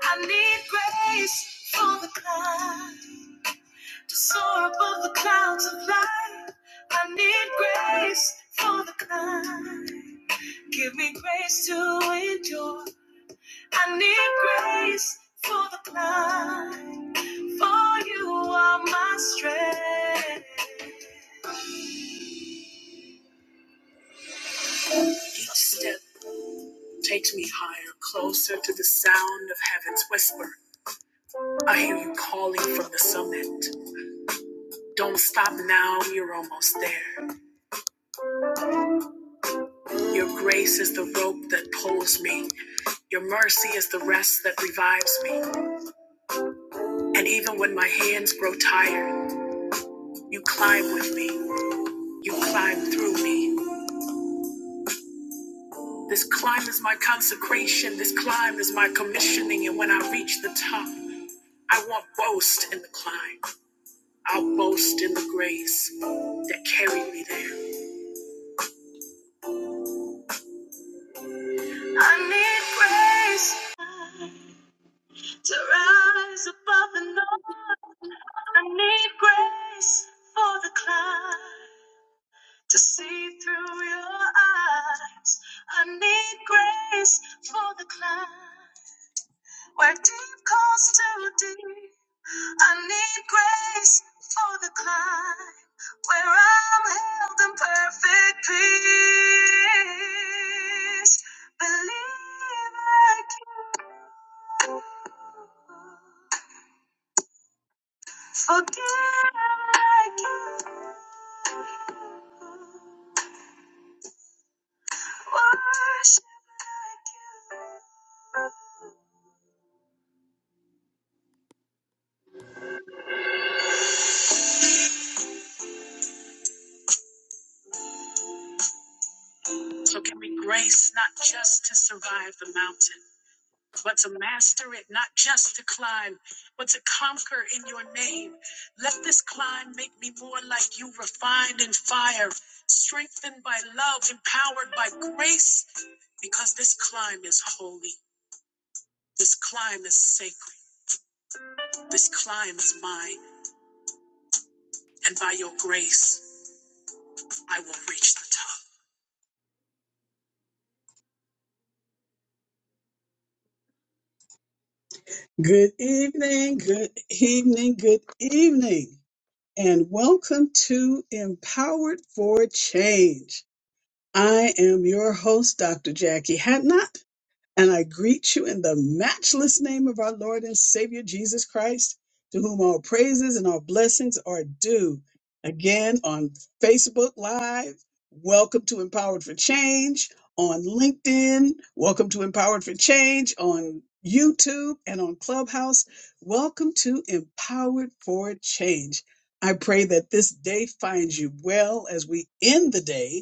I need grace for the climb to soar above the clouds of life. I need grace for the climb. Give me grace to endure. I need grace for the climb. For you are my strength. Each step takes me higher, closer to the sound of heaven's whisper. I hear you calling from the summit. Don't stop now, you're almost there. Your grace is the rope that pulls me. Your mercy is the rest that revives me. And even when my hands grow tired, you climb with me. You climb through me. This climb is my consecration. This climb is my commissioning. And when I reach the top, I won't boast in the climb. I'll boast in the grace that carried me there. I need grace. to rise above the norm. I need grace for the climb to see through your eyes. I need grace for the climb where deep calls to deep. I need grace for the climb where I'm held in perfect peace. Believe I can. Forgive like you. Worship like you. So give me grace not just to survive the mountain, but to master it, not just to climb, but to conquer in your name. Let this climb make me more like you, refined in fire, strengthened by love, empowered by grace, because this climb is holy. This climb is sacred. This climb is mine. and by your grace, I will reach the top. Good evening, good evening, good evening, and welcome to Empowered for Change. I am your host, Dr. Jackie Hatnot, And I greet you in the matchless name of our Lord and Savior Jesus Christ, to whom all praises and all blessings are due. Again on Facebook Live, welcome to Empowered for Change. On LinkedIn, welcome to Empowered for Change. On YouTube and on Clubhouse, welcome to Empowered for Change. I pray that this day finds you well as we end the day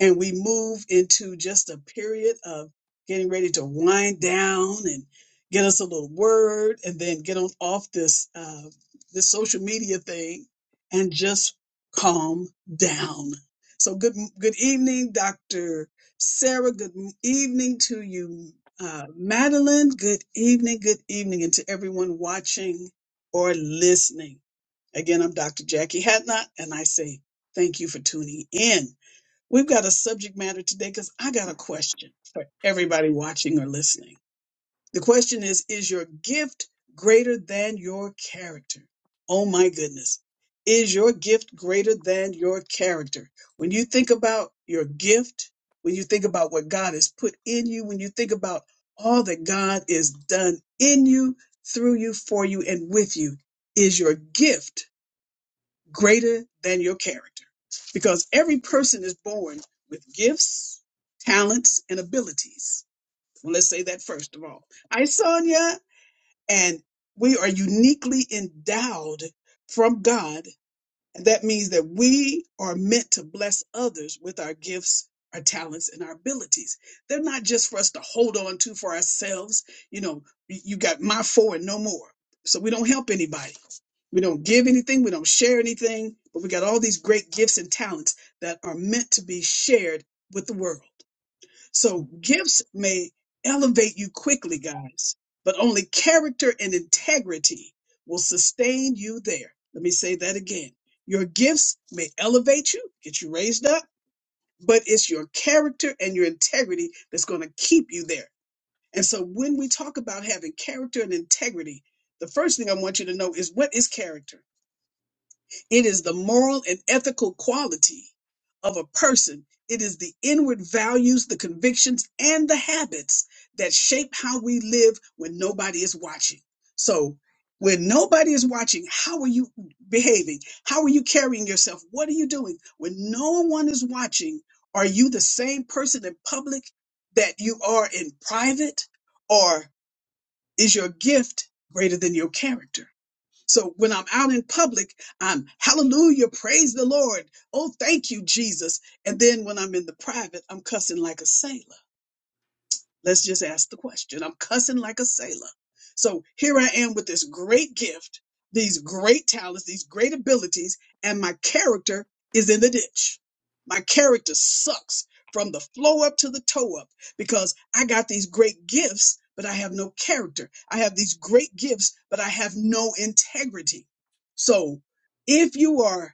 and we move into just a period of getting ready to wind down and get us a little word and then get on off this uh, this social media thing and just calm down so good good evening dr sarah good evening to you uh, madeline good evening good evening and to everyone watching or listening again i'm dr jackie hatnot and i say thank you for tuning in We've got a subject matter today because I got a question for everybody watching or listening. The question is Is your gift greater than your character? Oh my goodness. Is your gift greater than your character? When you think about your gift, when you think about what God has put in you, when you think about all that God has done in you, through you, for you, and with you, is your gift greater than your character because every person is born with gifts, talents, and abilities. Well, let's say that first of all. Hi, Sonia. And we are uniquely endowed from God and That means that we are meant to bless others with our gifts, our talents, and our abilities. They're not just for us to hold on to for ourselves. You know, y- you got my four and no more. So we don't help anybody. We don't give anything. We don't share anything. But we got all these great gifts and talents that are meant to be shared with the world. So gifts may elevate you quickly, guys, but only character and integrity will sustain you there. Let me say that again. Your gifts may elevate you, get you raised up, but it's your character and your integrity that's going to keep you there. And so when we talk about having character and integrity, the first thing I want you to know is what is character? It is the moral and ethical quality of a person. It is the inward values, the convictions, and the habits that shape how we live when nobody is watching. So, when nobody is watching, how are you behaving? How are you carrying yourself? What are you doing? When no one is watching, are you the same person in public that you are in private? Or is your gift greater than your character? So when I'm out in public, I'm hallelujah, praise the Lord. Oh, thank you, Jesus. And then when I'm in the private, I'm cussing like a sailor. Let's just ask the question. I'm cussing like a sailor. So here I am with this great gift, these great talents, these great abilities, and my character is in the ditch. My character sucks from the flow up to the toe up because I got these great gifts, but I have no character. I have these great gifts, but I have no integrity. So if you are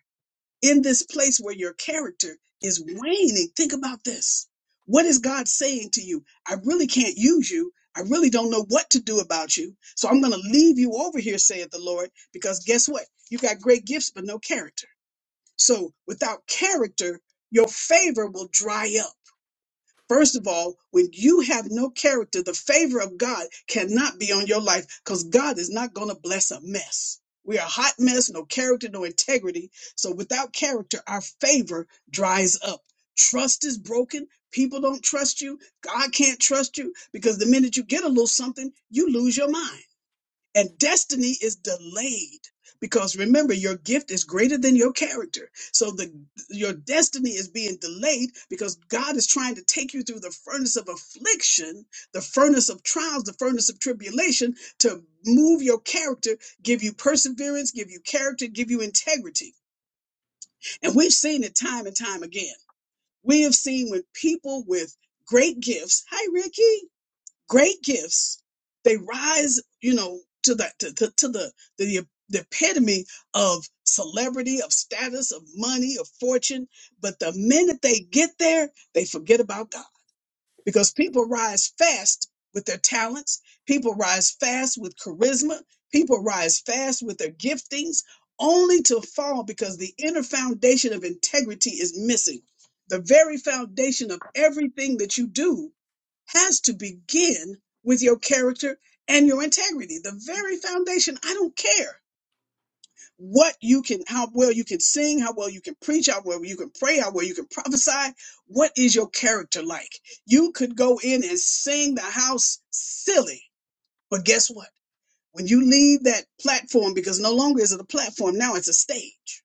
in this place where your character is waning. Think about this. What is God saying to you? I really can't use you. I really don't know what to do about you. So I'm going to leave you over here, saith the Lord, because guess what? You got great gifts, but no character. So without character, your favor will dry up. First of all, when you have no character, the favor of God cannot be on your life because God is not going to bless a mess. We are a hot mess, no character, no integrity. So without character, our favor dries up. Trust is broken. People don't trust you. God can't trust you because the minute you get a little something, you lose your mind. And destiny is delayed because remember, your gift is greater than your character. So the your destiny is being delayed because God is trying to take you through the furnace of affliction, the furnace of trials, the furnace of tribulation to move your character, give you perseverance, give you character, give you integrity. And we've seen it time and time again. We have seen when people with great gifts, hi Ricky, great gifts they rise you know to the to, to, to the, the the epitome of celebrity of status of money of fortune but the minute they get there they forget about god because people rise fast with their talents people rise fast with charisma people rise fast with their giftings only to fall because the inner foundation of integrity is missing the very foundation of everything that you do has to begin with your character and your integrity, the very foundation. I don't care what you can, how well you can sing, how well you can preach, how well you can pray, how well you can prophesy. What is your character like? You could go in and sing the house silly, but guess what? When you leave that platform, because no longer is it a platform, now it's a stage.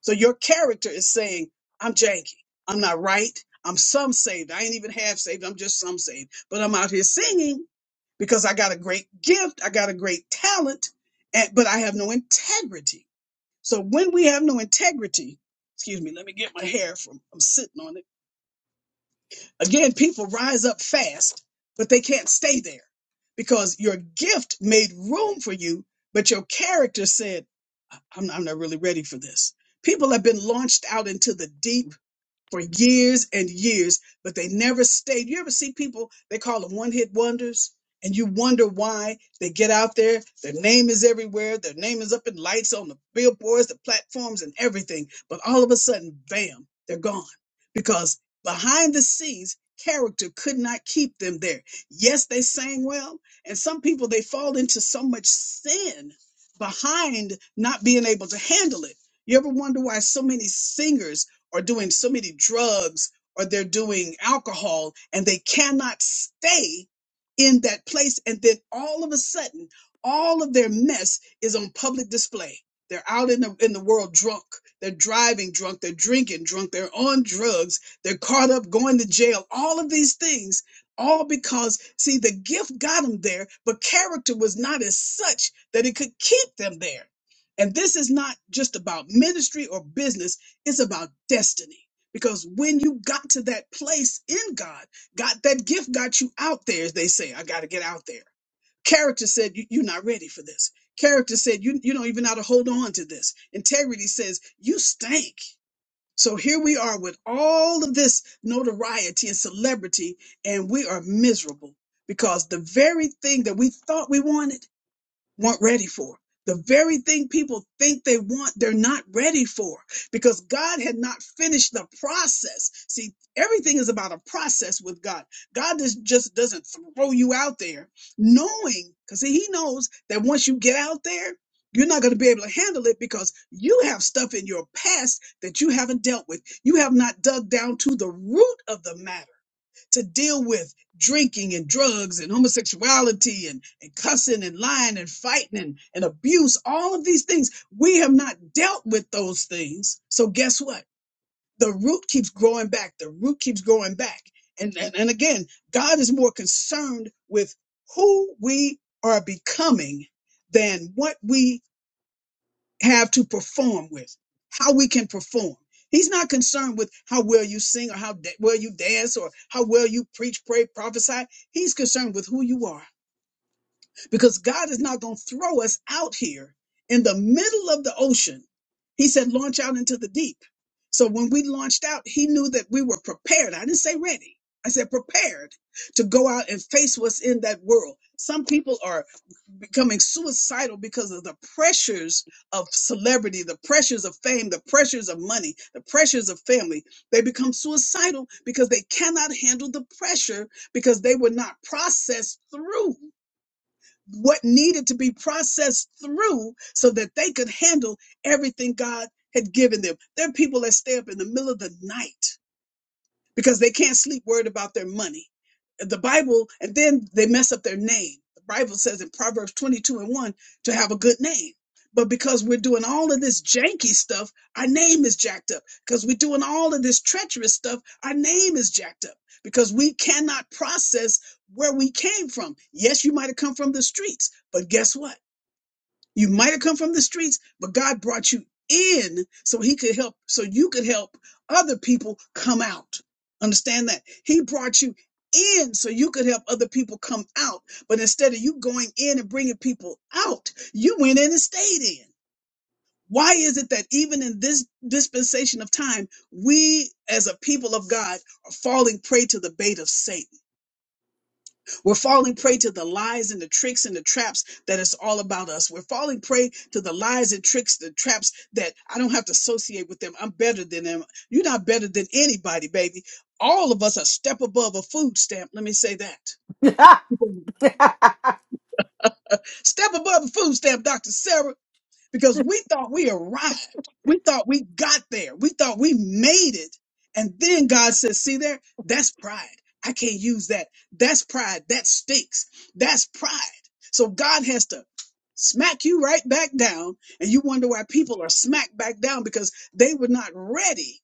So your character is saying, I'm janky. I'm not right. I'm some saved. I ain't even half saved. I'm just some saved. But I'm out here singing because I got a great gift, I got a great talent, and, but I have no integrity. So when we have no integrity, excuse me, let me get my hair from, I'm sitting on it. Again, people rise up fast, but they can't stay there because your gift made room for you, but your character said, "I- am I'm not really ready for this. People have been launched out into the deep for years and years, but they never stayed. You ever see people, they call them one hit wonders, and you wonder why they get out there. Their name is everywhere, their name is up in lights on the billboards, the platforms, and everything. But all of a sudden, bam, they're gone because behind the scenes, character could not keep them there. Yes, they sang well, and some people, they fall into so much sin behind not being able to handle it. You ever wonder why so many singers? are doing so many drugs or they're doing alcohol and they cannot stay in that place. And then all of a sudden, all of their mess is on public display. They're out in the in the world drunk. They're driving drunk. They're drinking drunk. They're on drugs. They're caught up going to jail. All of these things, all because see the gift got them there, but character was not as such that it could keep them there. And this is not just about ministry or business it's about destiny. Because when you got to that place in God, God, that gift got you out there, as they say, I got to get out there. Character said, you, You're not ready for this. Character said, you, you don't even know how to hold on to this. Integrity says, You stink. So here we are with all of this notoriety and celebrity, and we are miserable because the very thing that we thought we wanted weren't ready for. The very thing people think they want, they're not ready for because God had not finished the process. See, everything is about a process with God. God just, just doesn't throw you out there knowing, because He knows that once you get out there, you're not going to be able to handle it because you have stuff in your past that you haven't dealt with. You have not dug down to the root of the matter to deal with drinking and drugs and homosexuality and, and cussing and lying and fighting and, and abuse, all of these things. We have not dealt with those things. So guess what? The root keeps growing back. The root keeps growing back. And, and, and again, God is more concerned with who we are becoming than what we have to perform with, how we can perform. He's not concerned with how well you sing or how da- well you dance or how well you preach, pray, prophesy. He's concerned with who you are because God is not going to throw us out here in the middle of the ocean. He said, launch out into the deep. So when we launched out, he knew that we were prepared. I didn't say ready. I said prepared to go out and face what's in that world. Some people are becoming suicidal because of the pressures of celebrity, the pressures of fame, the pressures of money, the pressures of family. They become suicidal because they cannot handle the pressure because they were not processed through what needed to be processed through so that they could handle everything God had given them. There are people that stay up in the middle of the night because they can't sleep worried about their money. The Bible, and then they mess up their name. The Bible says in Proverbs 22 and 1 to have a good name. But because we're doing all of this janky stuff, our name is jacked up. Because we're doing all of this treacherous stuff, our name is jacked up. Because we cannot process where we came from. Yes, you might have come from the streets, but guess what? You might have come from the streets, but God brought you in so he could help, so you could help other people come out. Understand that? He brought you in so you could help other people come out. But instead of you going in and bringing people out, you went in and stayed in. Why is it that even in this dispensation of time, we as a people of God are falling prey to the bait of Satan? We're falling prey to the lies and the tricks and the traps that it's all about us. We're falling prey to the lies and tricks, the traps that I don't have to associate with them. I'm better than them. You're not better than anybody, baby. All of us are step above a food stamp. Let me say that. Ah! Step above a food stamp, Dr. Sarah because we thought we arrived. We thought we got there. We thought we made it. And then God says, see there, that's pride. I can't use that. That's pride. That stinks. That's pride. So God has to smack you right back down. And you wonder why people are smacked back down because they were not ready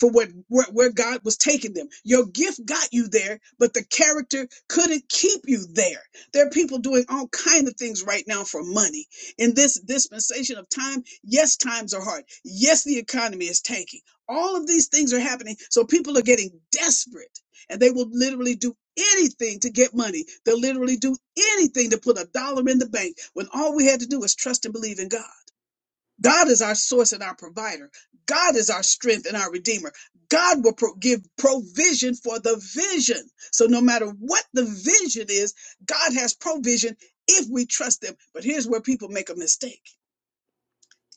for what where, where God was taking them. Your gift got you there, but the character couldn't keep you there. There are people doing all kinds of things right now for money. In this dispensation of time, yes, times are hard. Yes, the economy is tanking. All of these things are happening, so people are getting desperate, and they will literally do anything to get money. They'll literally do anything to put a dollar in the bank when all we had to do was trust and believe in God. God is our source and our provider. God is our strength and our redeemer. God will pro- give provision for the vision. So no matter what the vision is, God has provision if we trust him. But here's where people make a mistake.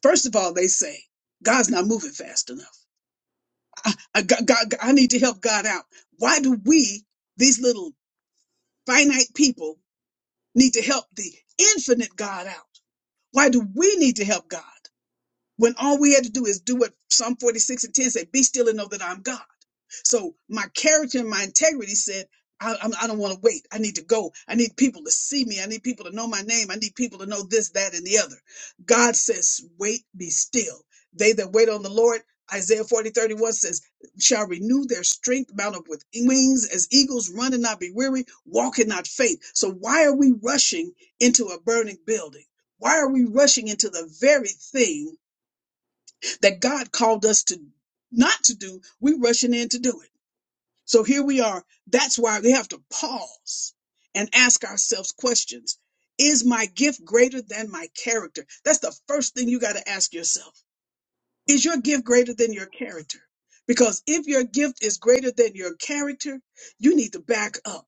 First of all, they say, God's not moving fast enough. I, God, God, I need to help God out. Why do we, these little finite people, need to help the infinite God out? Why do we need to help God? when all we had to do is do what Psalm 46 and 10 said, be still and know that I'm God. So my character and my integrity said, I, I'm- I don't want to wait. I need to go. I need people to see me. I need people to know my name. I need people to know this, that, and the other. God says, wait, be still. They that wait on the Lord, Isaiah 40, thirty-one says, shall renew their strength, mount up with wings as eagles, run and not be weary, walk and not faint. So why are we rushing into a burning building? Why are we rushing into the very thing that God called us to not to do, we're rushing in to do it. So here we are. That's why we have to pause and ask ourselves questions. Is my gift greater than my character? That's the first thing you got to ask yourself. Is your gift greater than your character? Because if your gift is greater than your character, you need to back up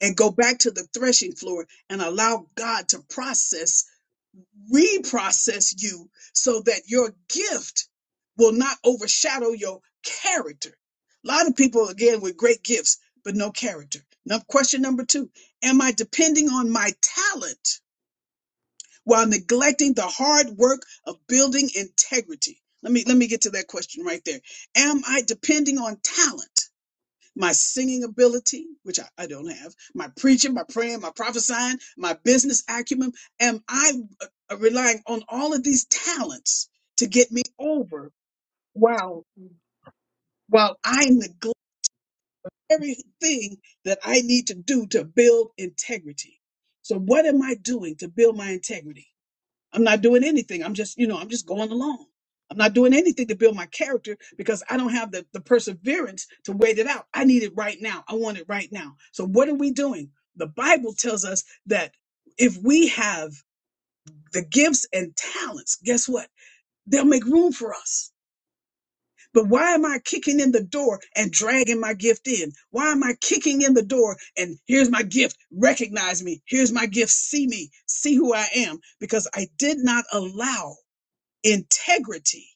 and go back to the threshing floor and allow God to process reprocess you so that your gift will not overshadow your character. A lot of people, again, with great gifts, but no character. Now, question number two Am I depending on my talent while neglecting the hard work of building integrity? Let me, let me get to that question right there. Am I depending on talent? my singing ability, which I, I don't have, my preaching, my praying, my prophesying, my business acumen? Am I uh, relying on all of these talents to get me over while while I neglect everything that I need to do to build integrity? So what am I doing to build my integrity? I'm not doing anything. I'm just, you know, I'm just going along. I'm not doing anything to build my character because I don't have the, the perseverance to wait it out. I need it right now. I want it right now. So what are we doing? The Bible tells us that if we have the gifts and talents, guess what? They'll make room for us. But why am I kicking in the door and dragging my gift in? Why am I kicking in the door and here's my gift? Recognize me. Here's my gift. See me. See who I am because I did not allow integrity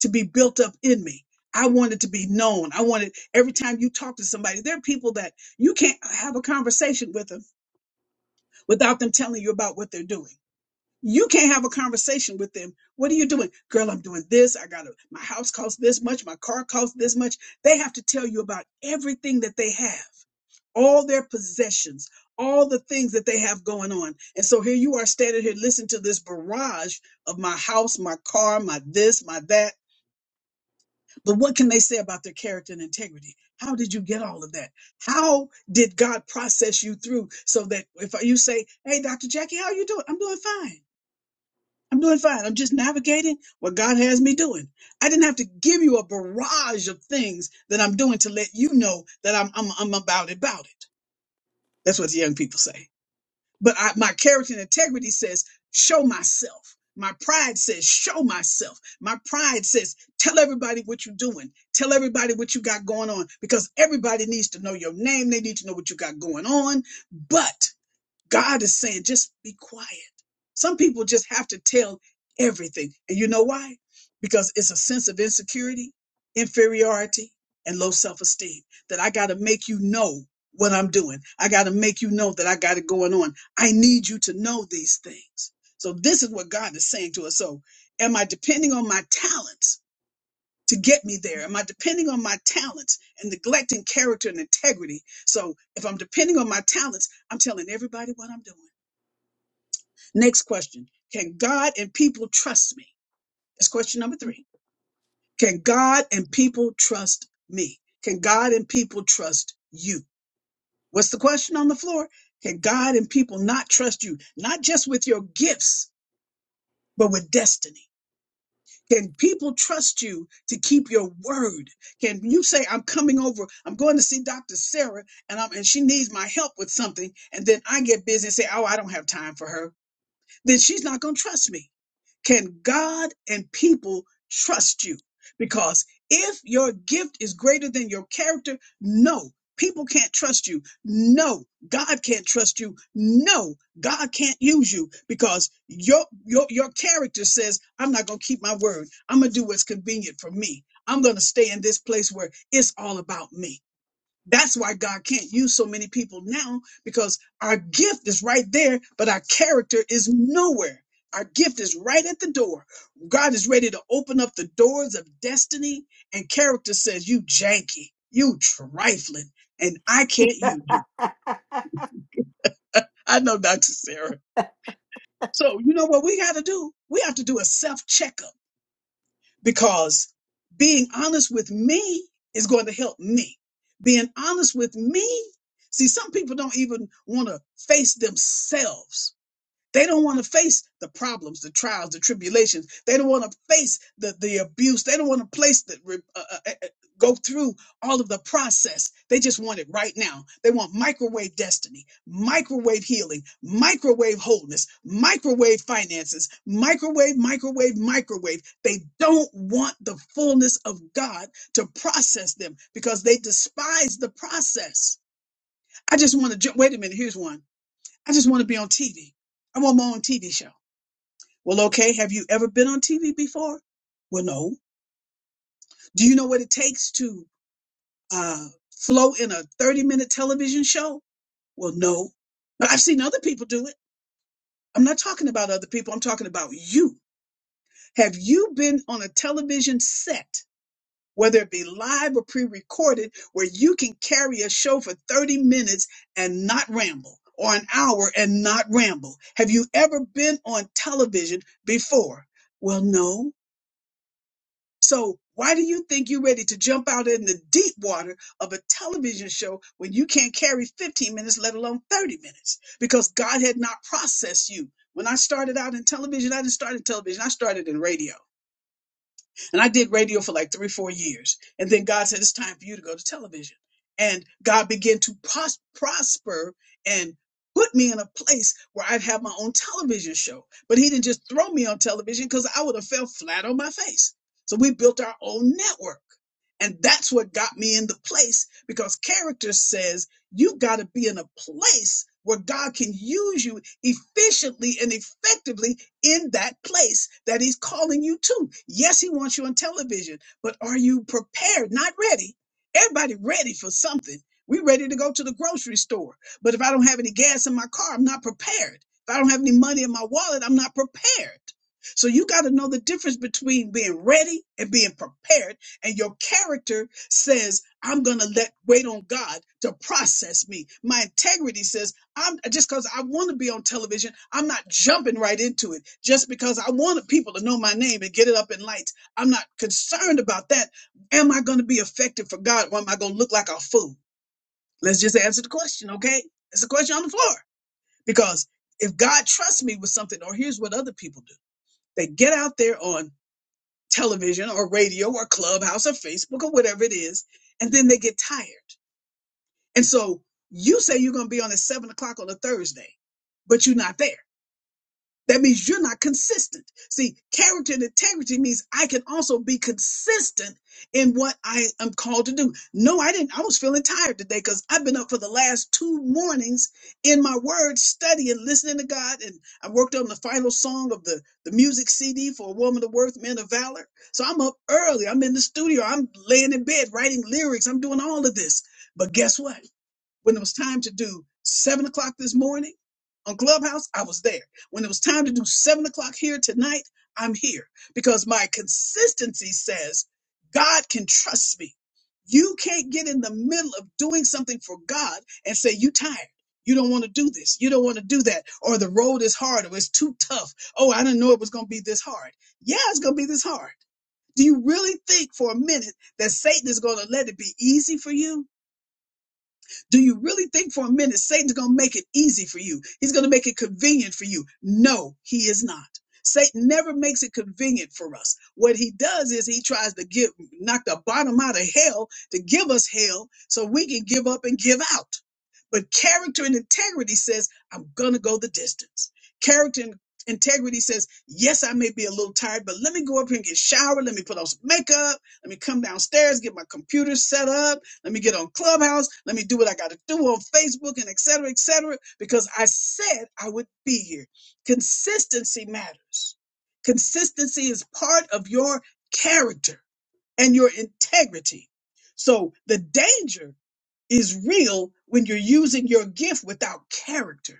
to be built up in me. I wanted to be known. I wanted every time you talk to somebody, there are people that you can't have a conversation with them without them telling you about what they're doing. You can't have a conversation with them. What are you doing? Girl, I'm doing this. I got to my house costs this much. My car costs this much. They have to tell you about everything that they have, all their possessions, all the things that they have going on. And so here you are standing here listening to this barrage of my house, my car, my this, my that but what can they say about their character and integrity? How did you get all of that? How did God process you through so that if you say, "Hey, Dr. Jackie, how you doing?" I'm doing fine. I'm doing fine. I'm just navigating what God has me doing. I didn't have to give you a barrage of things that I'm doing to let you know that I'm I'm, I'm about about it. That's what the young people say but I, my character and integrity says show myself my pride says show myself my pride says tell everybody what you're doing tell everybody what you got going on because everybody needs to know your name they need to know what you got going on but God is saying, just be quiet. Some people just have to tell everything. And you know why? Because it's a sense of insecurity, inferiority, and low self esteem that I got to make you know what I'm doing. I got to make you know that I got it going on. I need you to know these things. So, this is what God is saying to us. So, am I depending on my talents to get me there? Am I depending on my talents and neglecting character and integrity? So, if I'm depending on my talents, I'm telling everybody what I'm doing. Next question Can God and people trust me? That's question number three. Can God and people trust me? Can God and people trust you? What's the question on the floor? Can God and people not trust you, not just with your gifts, but with destiny? Can people trust you to keep your word? Can you say, I'm coming over, I'm going to see Dr. Sarah, and, I'm, and she needs my help with something, and then I get busy and say, Oh, I don't have time for her. then she's not going to trust me. Can God and people trust you? Because if your gift is greater than your character, no, people can't trust you. No, God can't trust you. No, God can't use you because your your your character says, "I'm not going to keep my word. I'm going to do what's convenient for me. I'm going to stay in this place where it's all about me." That's why God can't use so many people now because our gift is right there, but our character is nowhere. Our gift is right at the door. God is ready to open up the doors of destiny, and character says, You janky, you trifling, and I can't use you. I know, Dr. Sarah. So, you know what we got to do? We have to do a self checkup because being honest with me is going to help me. Being honest with me, see, some people don't even want to face themselves they don't want to face the problems, the trials, the tribulations. They don't want to face the, the abuse. They don't want to place the, re- uh, uh, uh, go through all of the process. They just want it right now. They want microwave destiny, microwave healing, microwave wholeness, microwave finances, microwave, microwave, microwave. They don't want the fullness of God to process them because they despise the process. I just want to, ju- wait a minute, here's one. I just want to be on TV. I want my own TV show. Well, okay. Have you ever been on TV before? Well, no. Do you know what it takes to uh, flow in a 30 minute television show? Well, no. But I've seen other people do it. I'm not talking about other people. I'm talking about you. Have you been on a television set, whether it be live or pre recorded, where you can carry a show for 30 minutes and not ramble? Or an hour and not ramble. Have you ever been on television before? Well, no. So why do you think you're ready to jump out in the deep water of a television show when you can't carry 15 minutes, let alone 30 minutes? Because God had not processed you. When I started out in television, I didn't start in television. I started in radio. And I did radio for like three, four years. And then God said, it's time for you to go to television. And God began to pros- prosper and put me in a place where I'd have my own television show. But He didn't just throw me on television because I would have fell flat on my face. So we built our own network. And that's what got me in the place because character says you got to be in a place where God can use you efficiently and effectively in that place that he's calling you to. Yes, he wants you on television, but are you prepared? Not ready. Everybody ready for something. We ready to go to the grocery store. But if I don't have any gas in my car, I'm not prepared. If I don't have any money in my wallet, I'm not prepared. So you got to know the difference between being ready and being prepared. And your character says, I'm going to let wait on God to process me. My integrity says, I'm just because I want to be on television. I'm not jumping right into it just because I wanted people to know my name and get it up in lights. I'm not concerned about that. Am I going to be effective for God or am I going to look like a fool? Let's just answer the question, okay? It's a question on the floor because if God trusts me with something, or here's what other people do they get out there on television or radio or clubhouse or Facebook or whatever it is, and then they get tired. And so you say you're going to be on at seven o'clock on a Thursday, but you're not there That means you're not consistent. See, character and integrity means I can also be consistent in what I am called to do. No, I didn't. I was feeling tired today because I've been up for the last two mornings in my word study and listening to God. And I worked on the final song of the, the music CD for A Woman of Worth, Men of Valor. So I'm up early. I'm in the studio. I'm laying in bed writing lyrics. I'm doing all of this. But guess what? When it was time to do seven o'clock this morning on Clubhouse, I was there. When it was time to do seven o'clock here tonight, I'm here because my consistency says God can trust me. You can't get in the middle of doing something for God and say, You tired. You don't want to do this. You don't want to do that. Or the road is hard or it's too tough. Oh, I didn't know it was going to be this hard. Yeah, it's going to be this hard. Do you really think for a minute that Satan is going to let it be easy for you? Do you really think for a minute Satan's going to make it easy for you? He's going to make it convenient for you. No, he is not. Satan never makes it convenient for us. What he does is he tries to give knock the bottom out of hell to give us hell so we can give up and give out. But character and integrity says, I'm going to go the distance. Character and integrity says, yes, I may be a little tired, but let me go up here and get showered. Let me put on some makeup. Let me come downstairs, get my computer set up. Let me get on Clubhouse. Let me do what I got to do on Facebook and et cetera, et cetera, because I said I would be here. Consistency matters. Consistency is part of your character and your integrity. So the danger is real when you're using your gift without character.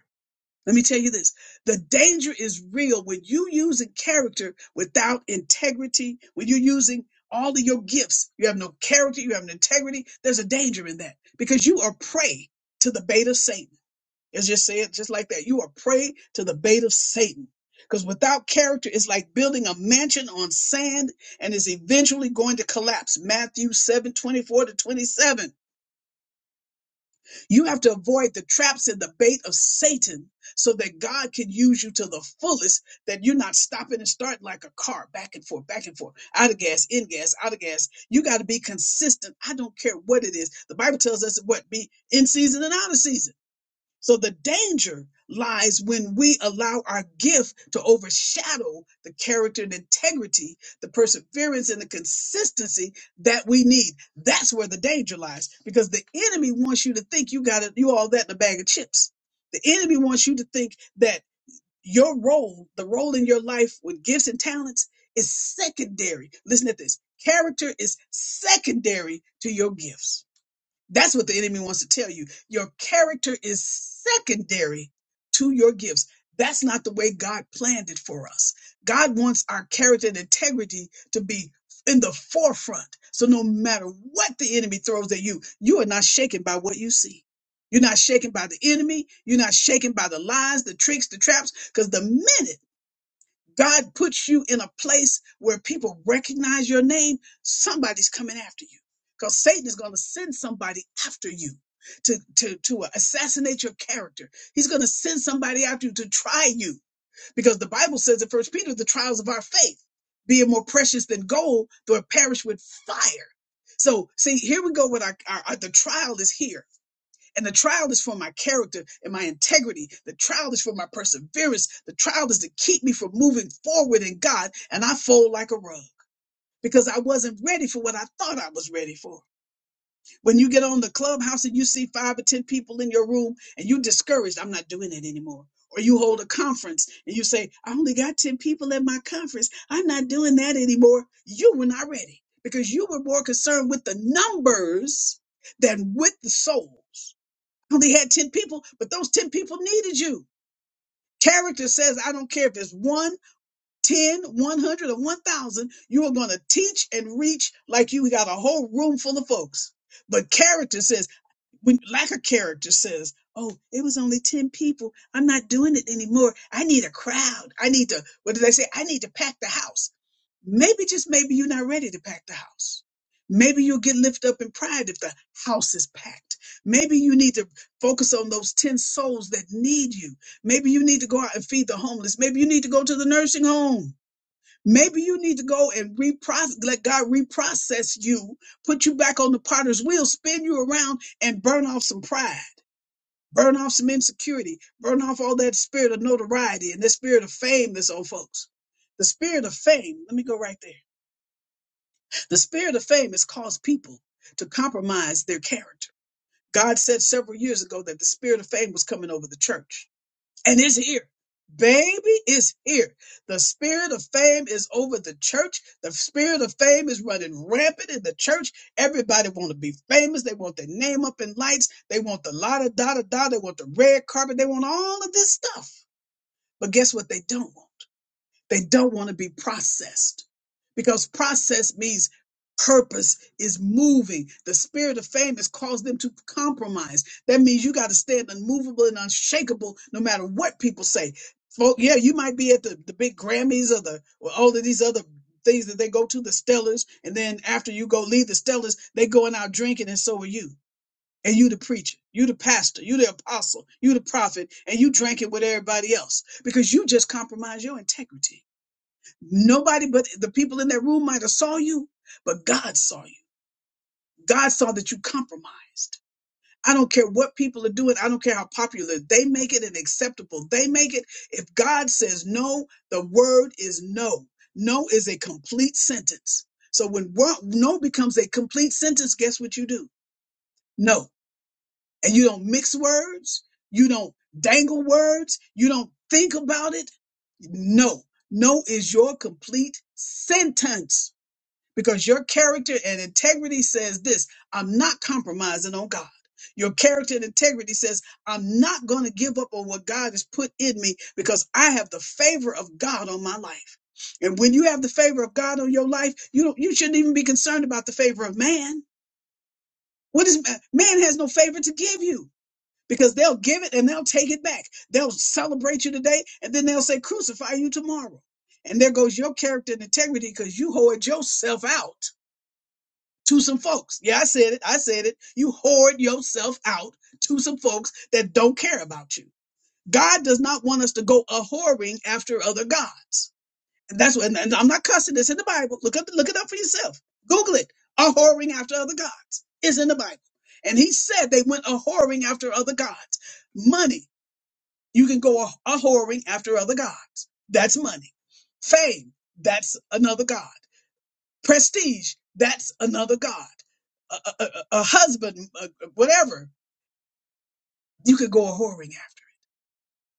Let me tell you this the danger is real when you using character without integrity, when you're using all of your gifts, you have no character, you have no integrity. There's a danger in that because you are prey to the bait of Satan. It's just said just like that. You are prey to the bait of Satan. Because without character, it's like building a mansion on sand and is eventually going to collapse. Matthew 7 24 to 27. You have to avoid the traps and the bait of Satan so that God can use you to the fullest, that you're not stopping and starting like a car back and forth, back and forth, out of gas, in gas, out of gas. You got to be consistent. I don't care what it is. The Bible tells us what be in season and out of season. So the danger lies when we allow our gift to overshadow the character and integrity, the perseverance and the consistency that we need. That's where the danger lies because the enemy wants you to think you got it, you all that in a bag of chips. The enemy wants you to think that your role, the role in your life with gifts and talents is secondary. Listen to this. Character is secondary to your gifts that's what the enemy wants to tell you. Your character is secondary to your gifts. That's not the way God planned it for us. God wants our character and integrity to be in the forefront. So no matter what the enemy throws at you, you are not shaken by what you see. You're not shaken by the enemy. You're not shaken by the lies, the tricks, the traps, because the minute God puts you in a place where people recognize your name, somebody's coming after you. Because Satan is going to send somebody after you to, to, to assassinate your character. He's going to send somebody after you to try you. Because the Bible says in First Peter, the trials of our faith, being more precious than gold, though it perish with fire. So see, here we go with our, our, our the trial is here. And the trial is for my character and my integrity. The trial is for my perseverance. The trial is to keep me from moving forward in God. And I fold like a rug because I wasn't ready for what I thought I was ready for. When you get on the clubhouse and you see five or 10 people in your room and you are discouraged, I'm not doing it anymore. Or you hold a conference and you say, I only got 10 people at my conference. I'm not doing that anymore. You were not ready because you were more concerned with the numbers than with the souls only had 10 people, but those 10 people needed you. Character says, I don't care if it's one, 10, 100, or 1,000, you are going to teach and reach like you got a whole room full of folks. But character says, when like a character says oh it was only 10 people i'm not doing it anymore i need a crowd i need to what did they say i need to pack the house maybe just maybe you're not ready to pack the house maybe you'll get lifted up in pride if the house is packed maybe you need to focus on those 10 souls that need you maybe you need to go out and feed the homeless maybe you need to go to the nursing home Maybe you need to go and reprocess, let God reprocess you, put you back on the potter's wheel, spin you around and burn off some pride, burn off some insecurity, burn off all that spirit of notoriety and that spirit of fame that's on folks. The spirit of fame, let me go right there. The spirit of fame has caused people to compromise their character. God said several years ago that the spirit of fame was coming over the church and it's here. Baby It's here. The spirit of fame is over the church. The spirit of fame is running rampant in the church. Everybody want to be famous. They want their name up in lights. They want the la da da da da. They want the red carpet. They want all of this stuff. But guess what they don't want? They don't want to be processed because process means purpose is moving. The spirit of fame has caused them to compromise. That means you got to stand unmovable and unshakable no matter what people say. Folk, yeah, you might be at the, the big Grammys or the or all of these other things that they go to, the Stellars, and then after you go leave the Stellars, they going out drinking, and so are you. And you the preacher, you the pastor, you the apostle, you the prophet, and you drinking with everybody else because you just compromise your integrity Nobody but the people in that room might have saw you, but God saw you. God saw that you compromised. I don't care what people are doing. I don't care how popular they make it and acceptable they make it. If God says no, the word is no. No is a complete sentence. So when wo- no becomes a complete sentence, guess what you do? No. And you don't mix words. You don't dangle words. You don't think about it. No. No is your complete sentence because your character and integrity says this I'm not compromising on God. Your character and integrity says, I'm not going to give up on what God has put in me because I have the favor of God on my life. And when you have the favor of God on your life, you don't, you shouldn't even be concerned about the favor of man. What is man Man has no favor to give you because they'll give it and they'll take it back. They'll celebrate you today and then they'll say crucify you tomorrow. And there goes your character and integrity because you hoard yourself out to some folks. Yeah, I said it. I said it. You hoard yourself out to some folks that don't care about you. God does not want us to go a whoring after other gods. And that's what, and and I'm not cussing this in the Bible. Look up, look it up for yourself. Google it. A whoring after other gods is in the Bible. And he said they went a whoring after other gods. Money. You can go a, a whoring after other gods. That's money. Fame. That's another god prestige that's another god a, a, a- a husband a- a- whatever you could go a whoring after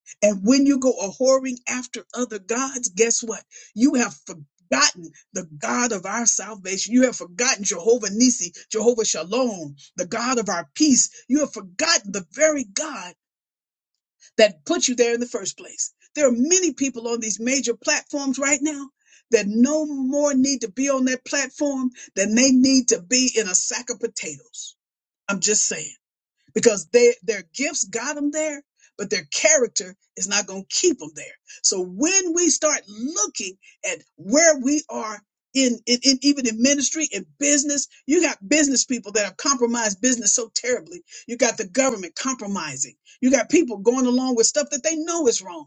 it and when you go a whoring after other gods guess what you have forgotten the god of our salvation you have forgotten jehovah nisi jehovah shalom the god of our peace you have forgotten the very god that put you there in the first place. There are many people on these major platforms right now that no more need to be on that platform than they need to be in a sack of potatoes. I'm just saying because they their gifts got them there but their character is not going to keep them there so when we start looking at where we are in, in, in even in ministry in business you got business people that have compromised business so terribly you got the government compromising you got people going along with stuff that they know is wrong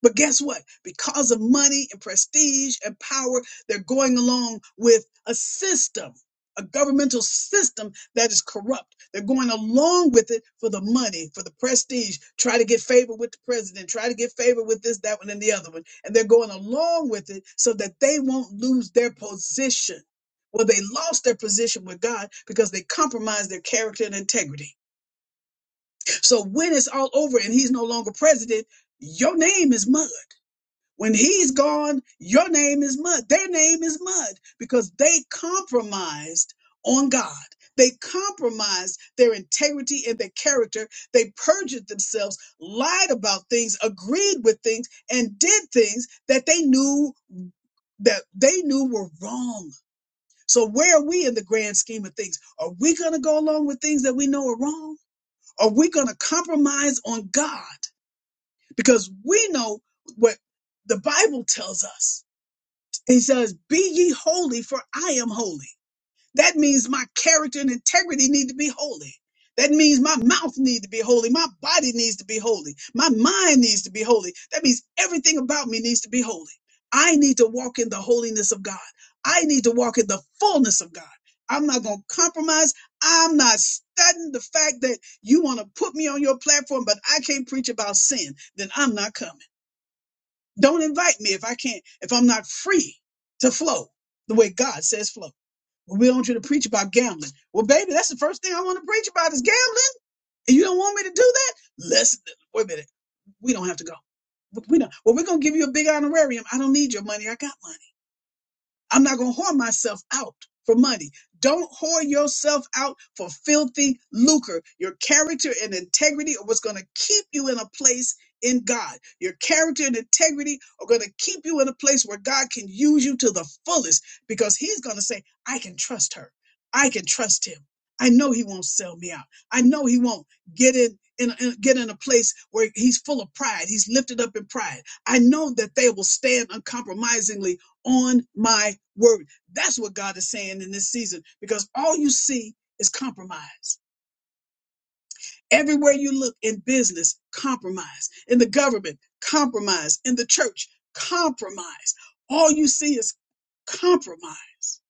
but guess what? Because of money and prestige and power, they're going along with a system, a governmental system that is corrupt. They're going along with it for the money, for the prestige, try to get favor with the president, try to get favor with this, that one, and the other one. And they're going along with it so that they won't lose their position. Well, they lost their position with God because they compromised their character and integrity. So when it's all over and he's no longer president, your name is mud when he's gone, your name is mud. Their name is mud because they compromised on God. They compromised their integrity and their character. They perjured themselves, lied about things, agreed with things, and did things that they knew that they knew were wrong. So where are we in the grand scheme of things? Are we going to go along with things that we know are wrong? Are we going to compromise on God? Because we know what the Bible tells us he says, Be ye holy, for I am holy. That means my character and integrity need to be holy. That means my mouth needs to be holy. My body needs to be holy. My mind needs to be holy. That means everything about me needs to be holy. I need to walk in the holiness of God. I need to walk in the fullness of God. I'm not going to compromise. I'm not studying the fact that you want to put me on your platform, but I can't preach about sin. Then I'm not coming. Don't invite me if I can't, if I'm not free to flow the way God says flow. Well, we don't want you to preach about gambling. Well, baby, that's the first thing I want to preach about is gambling. And you don't want me to do that? Listen, wait a minute. We don't have to go. We don't. Well, we're going to give you a big honorarium. I don't need your money. I got mine. I'm not going to whore myself out for money. Don't whore yourself out for filthy lucre. Your character and integrity are what's going to keep you in a place in God. Your character and integrity are going to keep you in a place where God can use you to the fullest because He's going to say, I can trust her. I can trust him. I know he won't sell me out. I know he won't get in, in, in get in a place where he's full of pride. He's lifted up in pride. I know that they will stand uncompromisingly on my word. That's what God is saying in this season because all you see is compromise. Everywhere you look in business, compromise. In the government, compromise. In the church, compromise. All you see is compromise.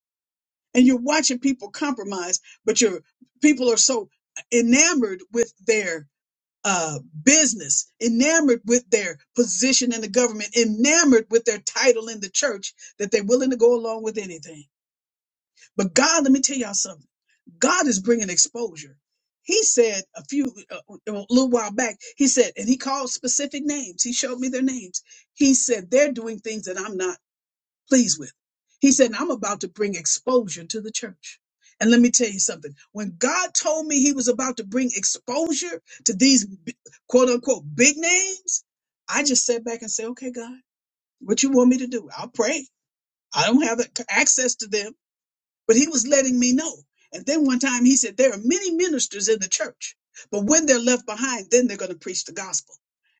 And you're watching people compromise, but your people are so enamored with their uh, business, enamored with their position in the government, enamored with their title in the church that they're willing to go along with anything. But God, let me tell y'all something. God is bringing exposure. He said a few a a little while back. He said, and he called specific names. He showed me their names. He said they're doing things that I'm not pleased with. He said and I'm about to bring exposure to the church. And let me tell you something. When God told me He was about to bring exposure to these b- quote unquote big names, I just sat back and said, "Okay, God, what you want me to do? I'll pray. I don't have access to them." but he was letting me know. And then one time he said, There are many ministers in the church, but when they're left behind, then they're going to preach the gospel.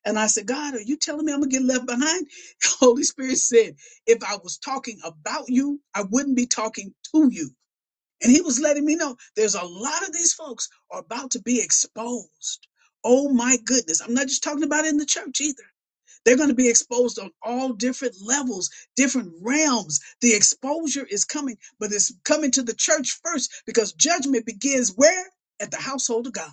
And I said, God, are you telling me I'm going to get left behind? The Holy Spirit said, If I was talking about you, I wouldn't be talking to you. And he was letting me know there's a lot of these folks are about to be exposed. Oh my goodness. I'm not just talking about in the church either. They're going to be exposed on all different levels, different realms. The exposure is coming, but it's coming to the church first because judgment begins where? At the household of God.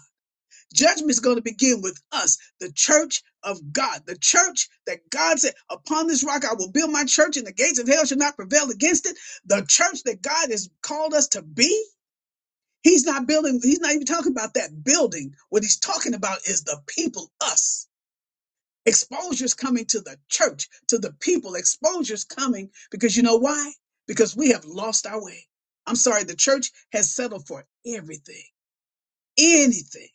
Judgment is going to begin with us, the church of God, the church that God said, Upon this rock I will build my church, and the gates of hell shall not prevail against it. The church that God has called us to be. He's not building, he's not even talking about that building. What he's talking about is the people, us Exposure's coming to the church, to the people. Exposure's coming because you know why? Because we have lost our way. I'm sorry, the church has settled for everything, anything.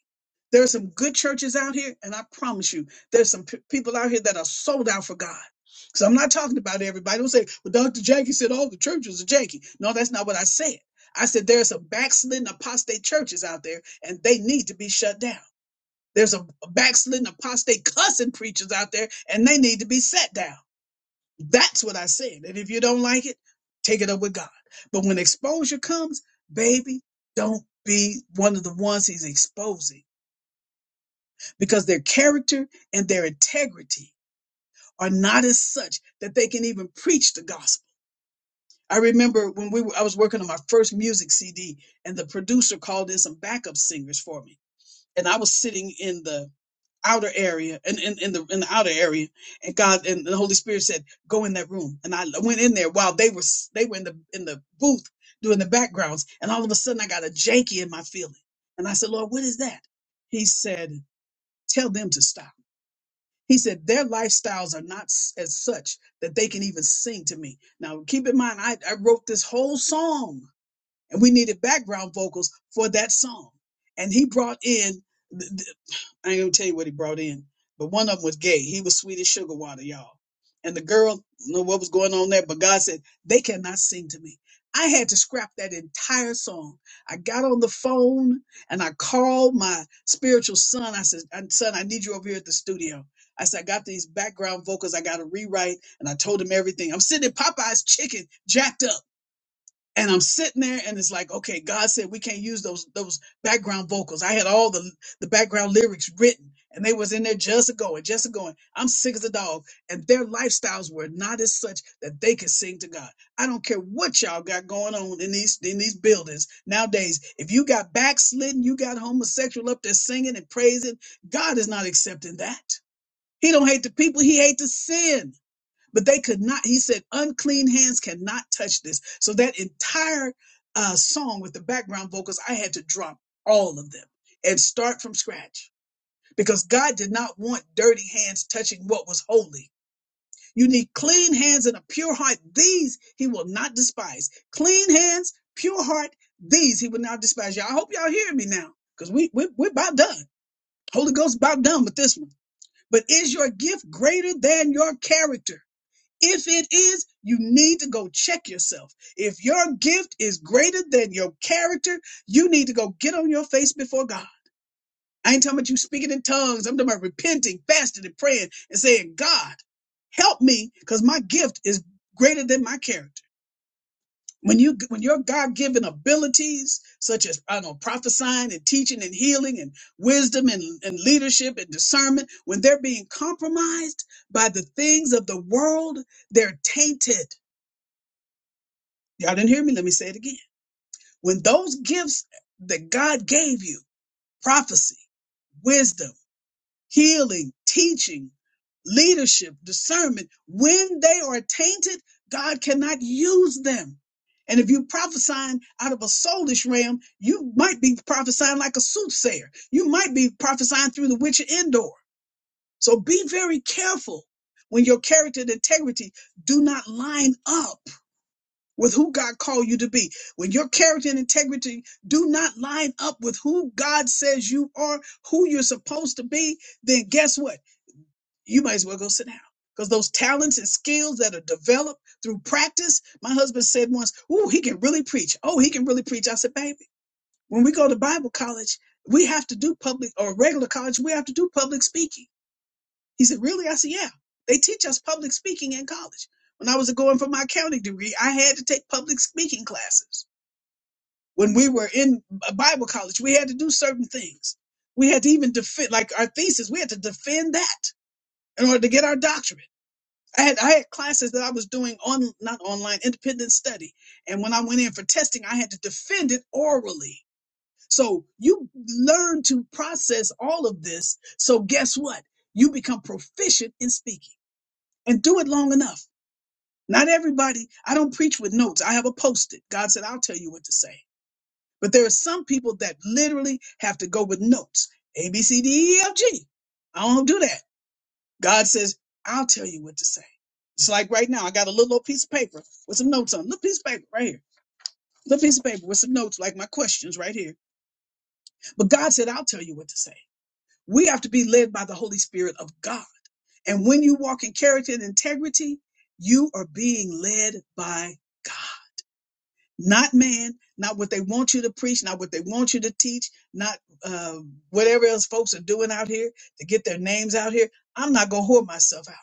There are some good churches out here, and I promise you, there's some p- people out here that are sold out for God. So I'm not talking about everybody. Don't say, well, Dr. Jackie said all the churches are janky. No, that's not what I said. I said there are some backslidden apostate churches out there, and they need to be shut down. There's a backslidden apostate cussing preachers out there, and they need to be set down. That's what I said. And if you don't like it, take it up with God. But when exposure comes, baby, don't be one of the ones he's exposing because their character and their integrity are not as such that they can even preach the gospel. I remember when we were, I was working on my first music CD, and the producer called in some backup singers for me, and I was sitting in the outer area and in, in, in the in the outer area and god and the holy spirit said go in that room and i went in there while they were s- they were in the in the booth doing the backgrounds and all of a sudden i got a janky in my feeling and i said lord what is that he said tell them to stop he said their lifestyles are not s- as such that they can even sing to me now keep in mind i, I wrote this whole song and we needed background vocals for that song. And he brought in, th- th- I ain't gonna tell you what he brought in, but one of them was gay. He was sweet as sugar water, y'all. And the girl, do know what was going on there, but God said, they cannot sing to me. I had to scrap that entire song. I got on the phone and I called my spiritual son. I said, "Uh, son, I need you over here at the studio. I said, I got these background vocals. I got to rewrite. And I told him everything. I'm sitting in Popeye's chicken, jacked up and I'm sitting there and it's like, okay, God said we can't use those those background vocals. I had all the the background lyrics written and they was in there just a going, just a going. I'm sick as a dog. And their lifestyles were not as such that they could sing to God. I don't care what y'all got going on in these in these buildings nowadays. If you got backslidden, you got homosexual up there singing and praising, God is not accepting that. He don't hate the people, he hate the sin but they could not he said unclean hands cannot touch this so that entire uh, song with the background vocals i had to drop all of them and start from scratch because god did not want dirty hands touching what was holy you need clean hands and a pure heart these he will not despise clean hands pure heart these he will not despise y'all i hope y'all hear me now because we, we, we're about done holy ghost about done with this one but is your gift greater than your character if it is, you need to go check yourself. If your gift is greater than your character, you need to go get on your face before God. I ain't talking about you speaking in tongues. I'm talking about repenting, fasting, and praying and saying, God, help me because my gift is greater than my character. When you when your God given abilities, such as I don't know, prophesying and teaching and healing and wisdom and, and leadership and discernment, when they're being compromised by the things of the world, they're tainted Y'all didn't hear me. Let me say it again. When those gifts that God gave you prophecy, wisdom, healing, teaching, leadership, discernment when they are tainted, God cannot use them. And if you prophesying out of a soulish realm, you might be prophesying like a soothsayer. You might be prophesying through the witch of Endor. So be very careful when your character and integrity do not line up with who God called you to be. When your character and integrity do not line up with who God says you are, who you're supposed to be, then guess what? You might as well go sit down. Because those talents and skills that are developed through practice, my husband said once, Ooh, he can really preach. Oh, he can really preach. I said, baby, when we go to Bible college, we have to do public or regular college, we have to do public speaking he said, Really? I said, Yeah. They teach us public speaking in college. When I was going for my accounting degree, I had to take public speaking classes. When we were in a Bible college, we had to do certain things. We had to even defend, like our thesis, we had to defend that in order to get our doctorate. I had, I had classes that I was doing on, not online, independent study. And when I went in for testing, I had to defend it orally. So you learn to process all of this. So guess what? You become proficient in speaking and do it long enough. Not everybody, I don't preach with notes. I have a post it. God said, I'll tell you what to say. But there are some people that literally have to go with notes A, B, C, D, E, F, G. I don't do that. God says, I'll tell you what to say. It's like right now, I got a little old piece of paper with some notes on it. Little piece of paper right here. Little piece of paper with some notes, like my questions right here. But God said, I'll tell you what to say. We have to be led by the Holy Spirit of God. And when you walk in character and integrity, you are being led by God, not man, not what they want you to preach, not what they want you to teach, not uh, whatever else folks are doing out here to get their names out here. I'm not going to whore myself out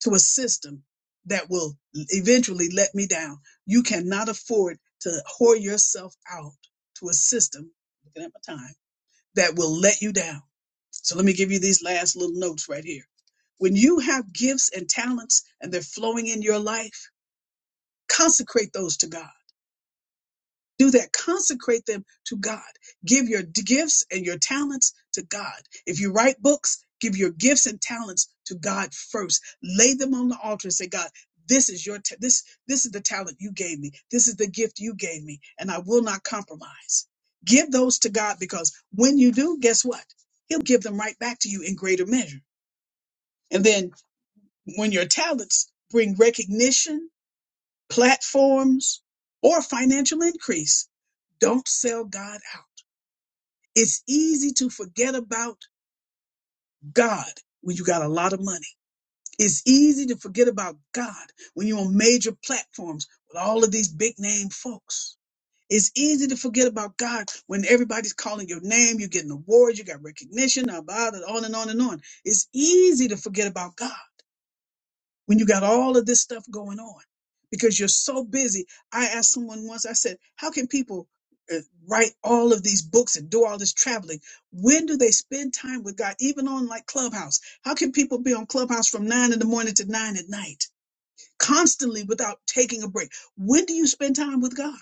to a system that will eventually let me down. You cannot afford to whore yourself out to a system. Looking at my time that will let you down. So let me give you these last little notes right here. When you have gifts and talents and they're flowing in your life, consecrate those to God. Do that. Consecrate them to God. Give your gifts and your talents to God. If you write books, give your gifts and talents to God first. Lay them on the altar and say, God, this is your ta- this this is the talent you gave me. This is the gift you gave me, and I will not compromise. Give those to God because when you do, guess what? He'll give them right back to you in greater measure. And then when your talents bring recognition platforms, or financial increase. Don't sell God out. It's easy to forget about God when you got a lot of money. It's easy to forget about God when you're on major platforms with all of these big name folks. It's easy to forget about God when everybody's calling your name, you're getting awards, you got recognition, about it, on and on and on. It's easy to forget about God. when you got all of this stuff going on because you're so busy. I asked someone once, I said, How can people uh, write all of these books and do all this traveling? When do they spend time with God, even on like Clubhouse? How can people be on Clubhouse from nine in the morning to nine at night, constantly without taking a break? When do you spend time with God?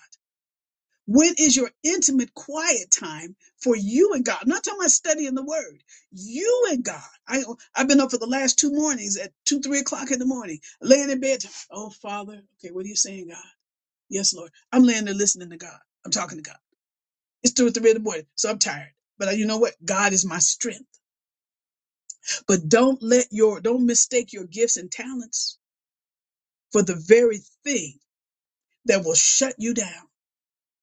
When is your intimate quiet time for you and God? I'm not talking about studying the word. You and God. I, I've been up for the last two mornings at two, three o'clock in the morning, laying in bed. Oh, Father. Okay, what are you saying, God? Yes, Lord. I'm laying there listening to God. I'm talking to God. It's two or three in the morning, so I'm tired. But you know what? God is my strength. But don't let your, don't mistake your gifts and talents for the very thing that will shut you down.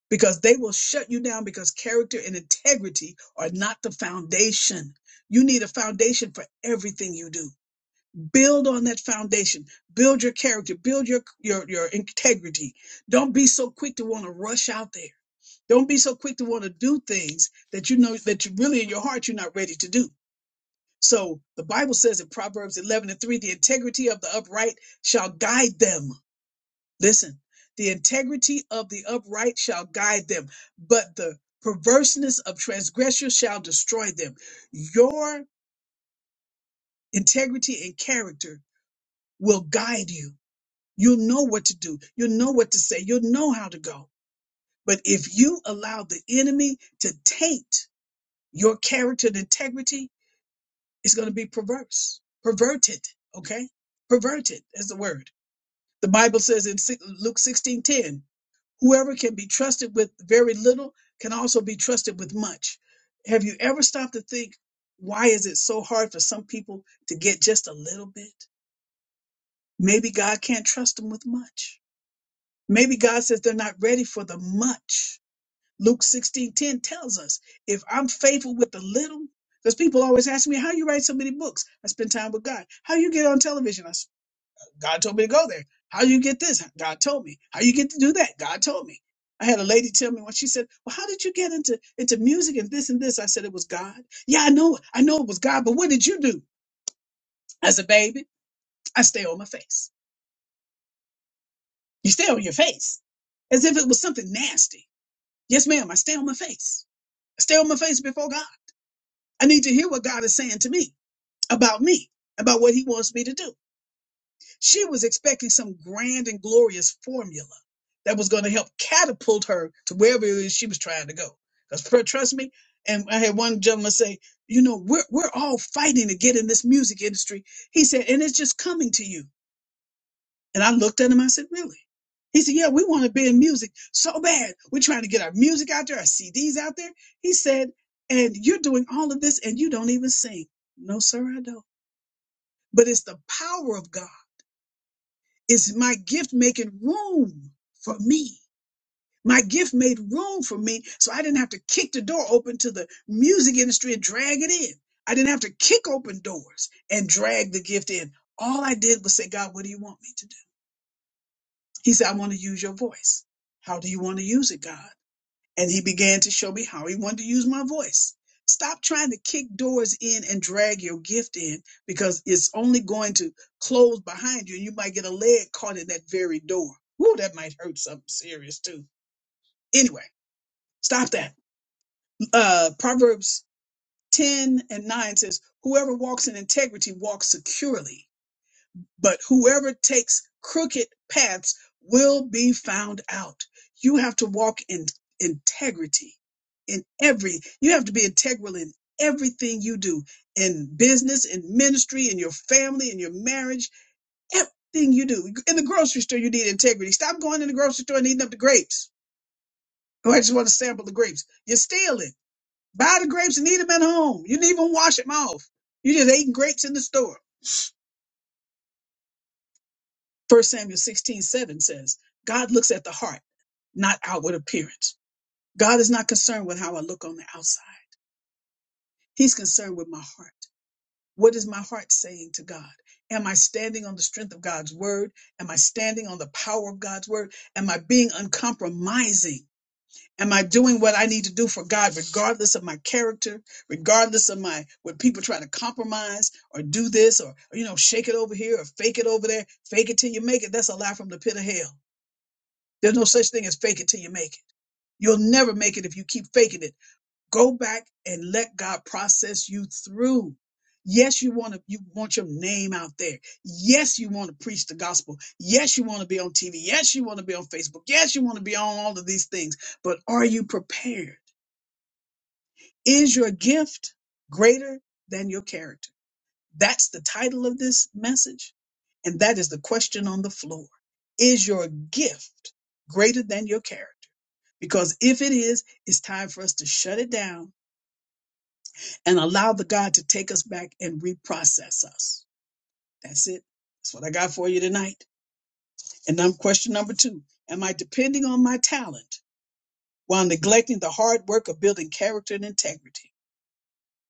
because they will shut you down because character and integrity are not the foundation. You need a foundation for everything you do. Build on that foundation. Build your character. Build your your your integrity. Don't be so quick to want to rush out there. Don't be so quick to want to do things that you know that you really in your heart you're not ready to do. So the Bible says in Proverbs 11 and 3, the integrity of the upright shall guide them Listen, the integrity of the upright shall guide them, but the perverseness of transgressors shall destroy them. Your integrity and character will guide you. You'll know what to do, you'll know what to say, you'll know how to go. But if you allow the enemy to taint your character and integrity, it's going to be perverse, perverted, okay? Perverted is the word. The Bible says in si, Luke 16:10. Whoever can be trusted with very little can also be trusted with much. Have you ever stopped to think, why is it so hard for some people to get just a little bit? Maybe God can't trust them with much. Maybe God says they're not ready for the much. Luke 16 10 tells us, if I'm faithful with the little, because people always ask me, how you write so many books? I spend time with God. How you get on television? God told me to go there. How you get this? God told me. How you get to do that? God told me. I had a lady tell me when she said, "Well, how did you get into into music and this and this?" I said, "It was God." Yeah, I know, I know it was God, but what did you do as a baby? I stay on my face. You stay on your face as if it was something nasty. Yes, ma'am. I stay on my face. I stay on my face before God. I need to hear what God is saying to me about me, about what He wants me to do. She was expecting some grand and glorious formula that was going to help catapult her to wherever it is she was trying to go. Because trust me, and I had one gentleman say, you know, we're we're all fighting to get in this music industry. He said, and it's just coming to you. And I looked at him, I said, Really? He said, Yeah, we want to be in music so bad. We're trying to get our music out there, our CDs out there. He said, and you're doing all of this and you don't even sing. No, sir, I don't. But it's the power of God is my gift making room for me? My gift made room for me, so I didn't have to kick the door open to the music industry and drag it in. I didn't have to kick open doors and drag the gift in. All I did was say, God, what do you want me to do? He said, I want to use your voice. How do you want to use it, God? and he began to show me how he wanted to use my voice. Stop trying to kick doors in and drag your gift in because it's only going to close behind you and you might get a leg caught in that very door. Ooh, that might hurt something serious too. Anyway, stop that. Uh, Proverbs 10 and 9 says, Whoever walks in integrity walks securely but whoever takes crooked paths will be found out. You have to walk in integrity in every, you have to be integral in everything you do in business, in ministry, in your family, in your marriage, everything you do. In the grocery store, you need integrity. Stop going in the grocery store and eating up the grapes. Oh, I just want to sample the grapes. You're stealing. Buy the grapes and eat them at home. You didn't even wash them off. You just ate grapes in the store. First Samuel 16 7 says, God looks at the heart. not outward appearance. God is not concerned with how I look on the outside. He's concerned with my heart. What is my heart saying to God? Am I standing on the strength of God's word? Am I standing on the power of God's word? Am I being uncompromising? Am I doing what I need to do for God, regardless of my character, regardless of my when people try to compromise or do this or you know shake it over here or fake it over there, fake it till you make it? That's a lie from the pit of hell. There's no such thing as fake it till you make it. You'll never make it if you keep faking it go back and let God process you through. Yes, you want to you want your name out there. Yes, you want to preach the gospel. Yes, you want to be on TV. Yes, you want to be on Facebook. Yes, you want to be on all of these things. But are you prepared? Is your gift greater than your character? That's the title of this message, and that is the question on the floor. Is your gift greater than your character? Because if it is, it's time for us to shut it down and allow the God to take us back and reprocess us. That's it. That's what I got for you tonight. And now question number two. Am I depending on my talent while neglecting the hard work of building character and integrity?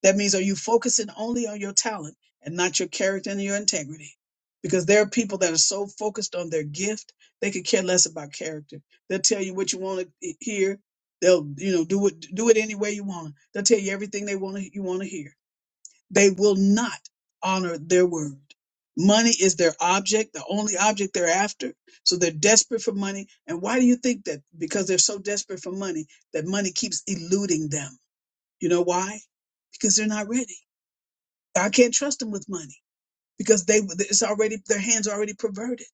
That means are you focusing only on your talent and not your character and your integrity? Because there are people that are so focused on their gift, they could care less about character. They'll tell you what you want to hear. They'll, you know, do it do it any way you want. They'll tell you everything they want to you want to hear They will not honor their word. Money is their object, the only object they're after. So they're desperate for money. And why do you think that? Because they're so desperate for money that money keeps eluding them. You know why? Because they're not ready. I can't trust them with money because they it's already their hands are already perverted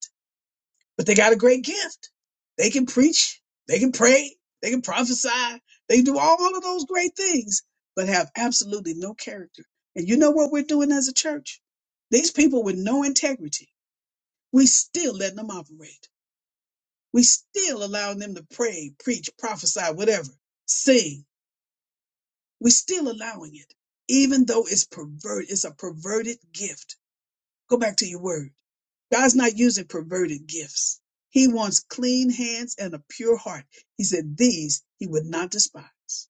but they got a great gift. They can preach, they can pray, they can prophesy, they can do all of those great things, but have absolutely no character. And you know what we're doing as a church? These people with no integrity, we still letting them operate. We still allowing them to pray, preach, prophesy, whatever, sing. We still allowing it, even though it's pervert, it's a perverted gift. Go back to your word God's not using perverted gifts. He wants clean hands and a pure heart. He said these he would not despise.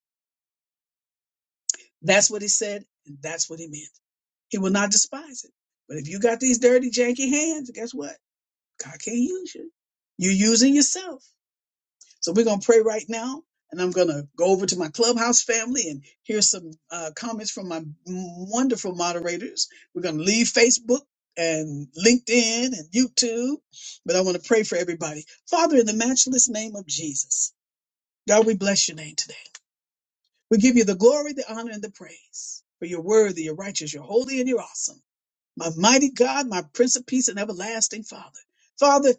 That's what he said, and that's what he meant. He will not despise it. But if you got these dirty, janky hands, guess what? God can't use you. You're using yourself. So we're going to pray right now, and I'm going to go over to my clubhouse family and hear some uh, comments from my wonderful moderators. We're going to leave Facebook and LinkedIn and YouTube, but I want to pray for everybody. Father, in the matchless name of Jesus, God, we bless your name today. We give you the glory, the honor, and the praise. For you're worthy, you're righteous, you're holy, and you're awesome. My mighty God, my Prince of Peace and everlasting Father. Father,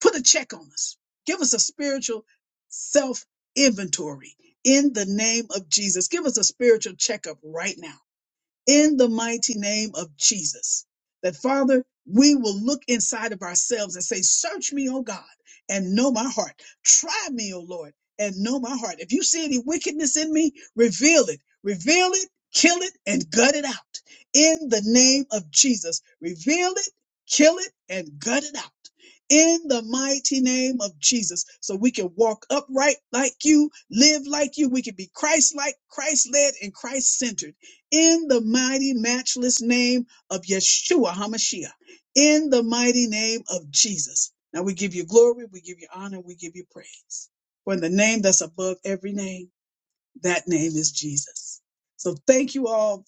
put a check on us. Give us a spiritual self inventory in the name of Jesus. Give us a spiritual checkup right now in the mighty name of Jesus. That Father, we will look inside of ourselves and say, Search me, O God, and know my heart. Try me, O Lord, and know my heart. If you see any wickedness in me, reveal it. Reveal it, kill it, and gut it out. In the name of Jesus, reveal it, kill it, and gut it out. In the mighty name of Jesus, so we can walk upright like you, live like you, we can be Christ like, Christ led, and Christ centered in the mighty, matchless name of Yeshua HaMashiach, in the mighty name of Jesus. Now we give you glory, we give you honor, we give you praise. For in the name that's above every name, that name is Jesus. So thank you all,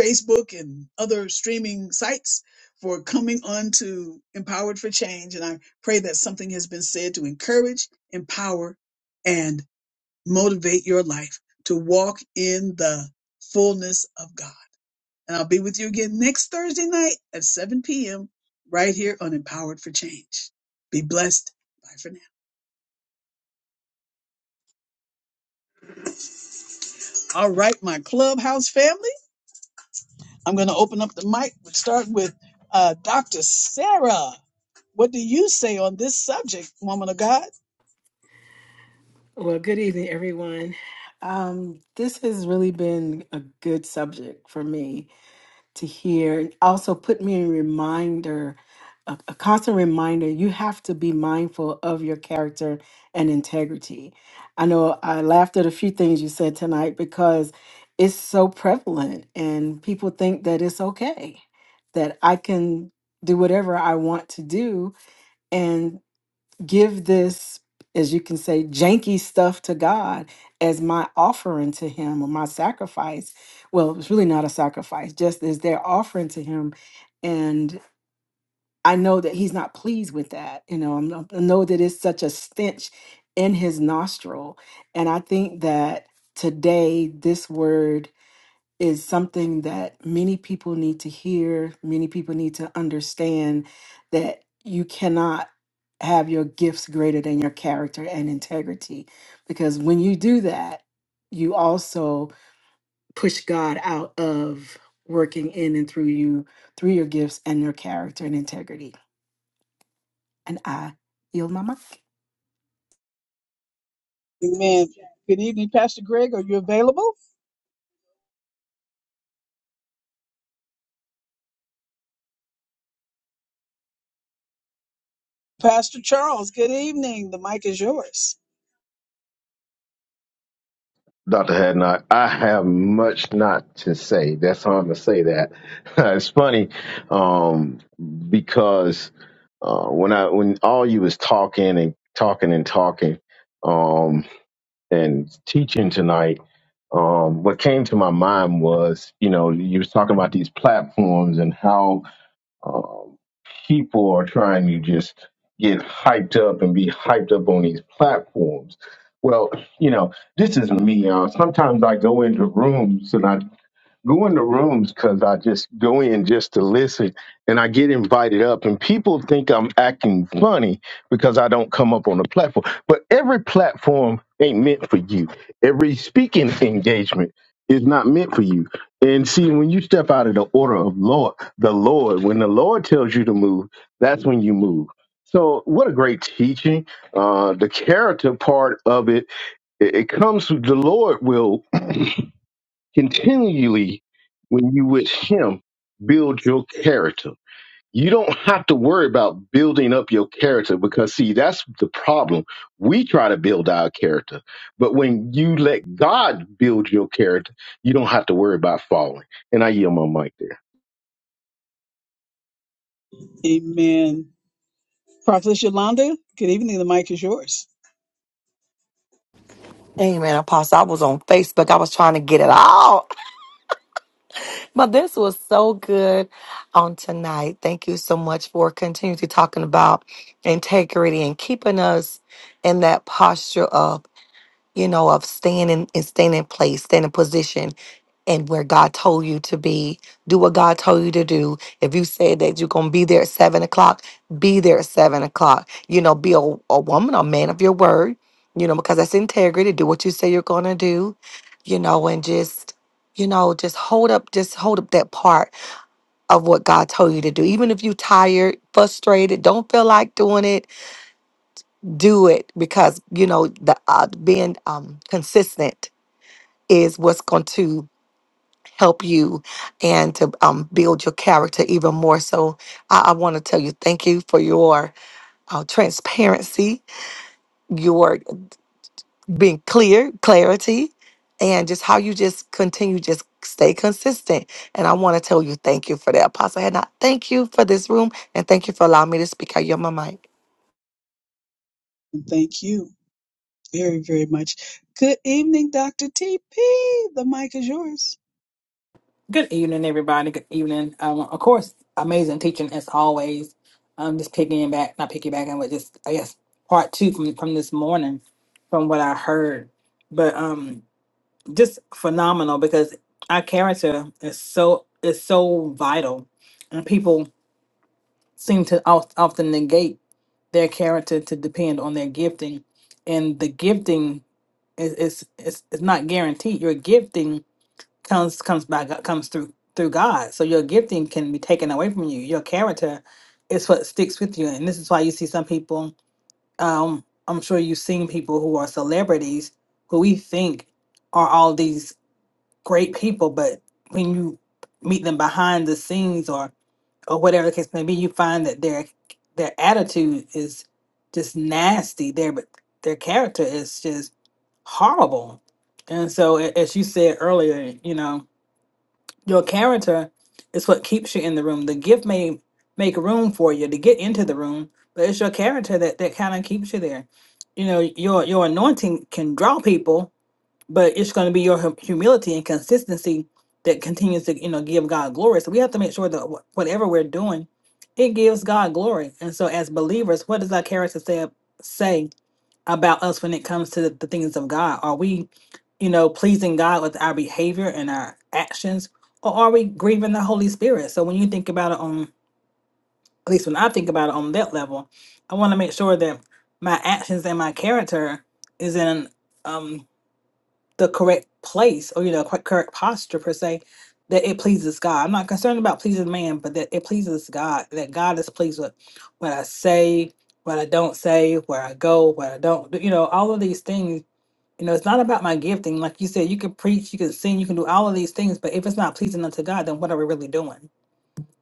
Facebook and other streaming sites, for coming on to Empowered for Change. And I pray that something has been said to encourage, empower, and motivate your life to walk in the fullness of God. And I'll be with you again next Thursday night at 7 p.m. right here on Empowered for Change. Be blessed. Bye for now. All right, my clubhouse family. I'm going to open up the mic. We'll start with uh, Dr. Sarah. What do you say on this subject, woman of God? Well, good evening, everyone. Um, this has really been a good subject for me to hear. and Also, put me in reminder, a, a constant reminder. You have to be mindful of your character and integrity. I know I laughed at a few things you said tonight because it's so prevalent, and people think that it's okay that I can do whatever I want to do, give this, as you can say, janky stuff to God as my offering to Him or my sacrifice. Well, it's really not a sacrifice, just as their offering to Him. And I know that He's not pleased with that. You know, I'm not- I know that it's such a stench in His nostril. And I think that today, this word is something that many people need to hear, many people need to understand that you cannot have your gifts greater than your character and integrity. Because when you do that, you also push God out of working in and through you, through your gifts and your character and integrity. And I yield my mic. Amen. Good evening, Pastor Greg. Are you available? Pastor Charles, good evening. The mic is yours. Dr. Hadnot, I have much not to say. That's how I'm going to say that. it's funny um, because uh, when I when all you was talking and talking and talking um, and teaching tonight, um, what came to my mind was, you know, you was talking about these platforms and how uh, people are trying to just get hyped up and be hyped up on these platforms. Well, you know, this is me. Uh, sometimes I go into rooms and I go in the rooms because I just go in just to listen and I get invited up and people think I'm acting funny because I don't come up on the platform. But every platform ain't meant for you. Every speaking engagement is not meant for you. And see, when you step out of the order of Lord, the Lord, when the Lord tells you to move, that's when you move. So what a great teaching. Uh, the character part of it, it, it comes, the Lord will continually when you with him build your character you don't have to worry about building up your character because see that's the problem we try to build our character but when you let god build your character you don't have to worry about falling and i yield my mic there Amen. Prophet Yolanda, good evening. The mic is yours. Amen, Apostle. I was on Facebook. I was trying to get it all. But this was so good on tonight. Thank you so much for continuing to talking about integrity and keeping us in that posture of, you know, of staying in, in staying in place, staying in position and where God told you to be. Do what God told you to do. If you said that you're going to be there at seven o'clock, be there at seven o'clock. You know, be a, a woman, a man of your word, you know, because that's integrity. Do what you say you're going to do, you know, and just, you know, just hold up, just hold up that part of what God told you to do. Even if you're tired, frustrated, don't feel like doing it, do it because, you know, the uh, being um, consistent is what's going to help you and to um, build your character even more. So I, I want to tell you thank you for your uh, transparency, your being clear, clarity, and just how you just continue just stay consistent. And I want to tell you thank you for that, Apostle Hannah. Thank you for this room and thank you for allowing me to speak out your my mic. And Thank you very, very much. Good evening, Dr. TP. The mic is yours. Good evening, everybody. Good evening. Um, of course, amazing teaching as always. Um, just picking back, not picking back, but just I guess part two from from this morning, from what I heard. But um, just phenomenal because our character is so is so vital, and people seem to oft, often negate their character to depend on their gifting, and the gifting is is is, is not guaranteed. Your gifting comes comes by Go- comes through through God. So your gifting can be taken away from you. Your character is what sticks with you, and this is why you see some people. Um, I'm sure you've seen people who are celebrities who we think are all these great people, but when you meet them behind the scenes or or whatever the case may be, you find that their their attitude is just nasty. Their their character is just horrible. And so, a- as you said earlier, you know, your character is what keeps you in the room. The gift may make room for you to get into the room, but it's your character that, that kind of keeps you there. You know, your your anointing can draw people, but it's going to be your hum- humility and consistency that continues to you know give God glory. So we have to make sure that wh- whatever we're doing, it gives God glory. And so as believers, what does our character say? say? about us when it comes to the, the things of God. Are we, you know, pleasing God with our behavior and our actions, or are we grieving the Holy Spirit? So when you think about it on, at least when I think about it on that level, I want to make sure that my actions and my character is in um, the correct place or you know cor- correct posture per se that it pleases God. I'm not concerned about pleasing man, but that it pleases God. That God is pleased with what I say, what I don't say, where I go, what I don't. do, You know, all of these things you know, it's not about my gifting. Like you said, you can preach, you can sing, you can do all of these things, but if it's not pleasing unto God, then what are we really doing?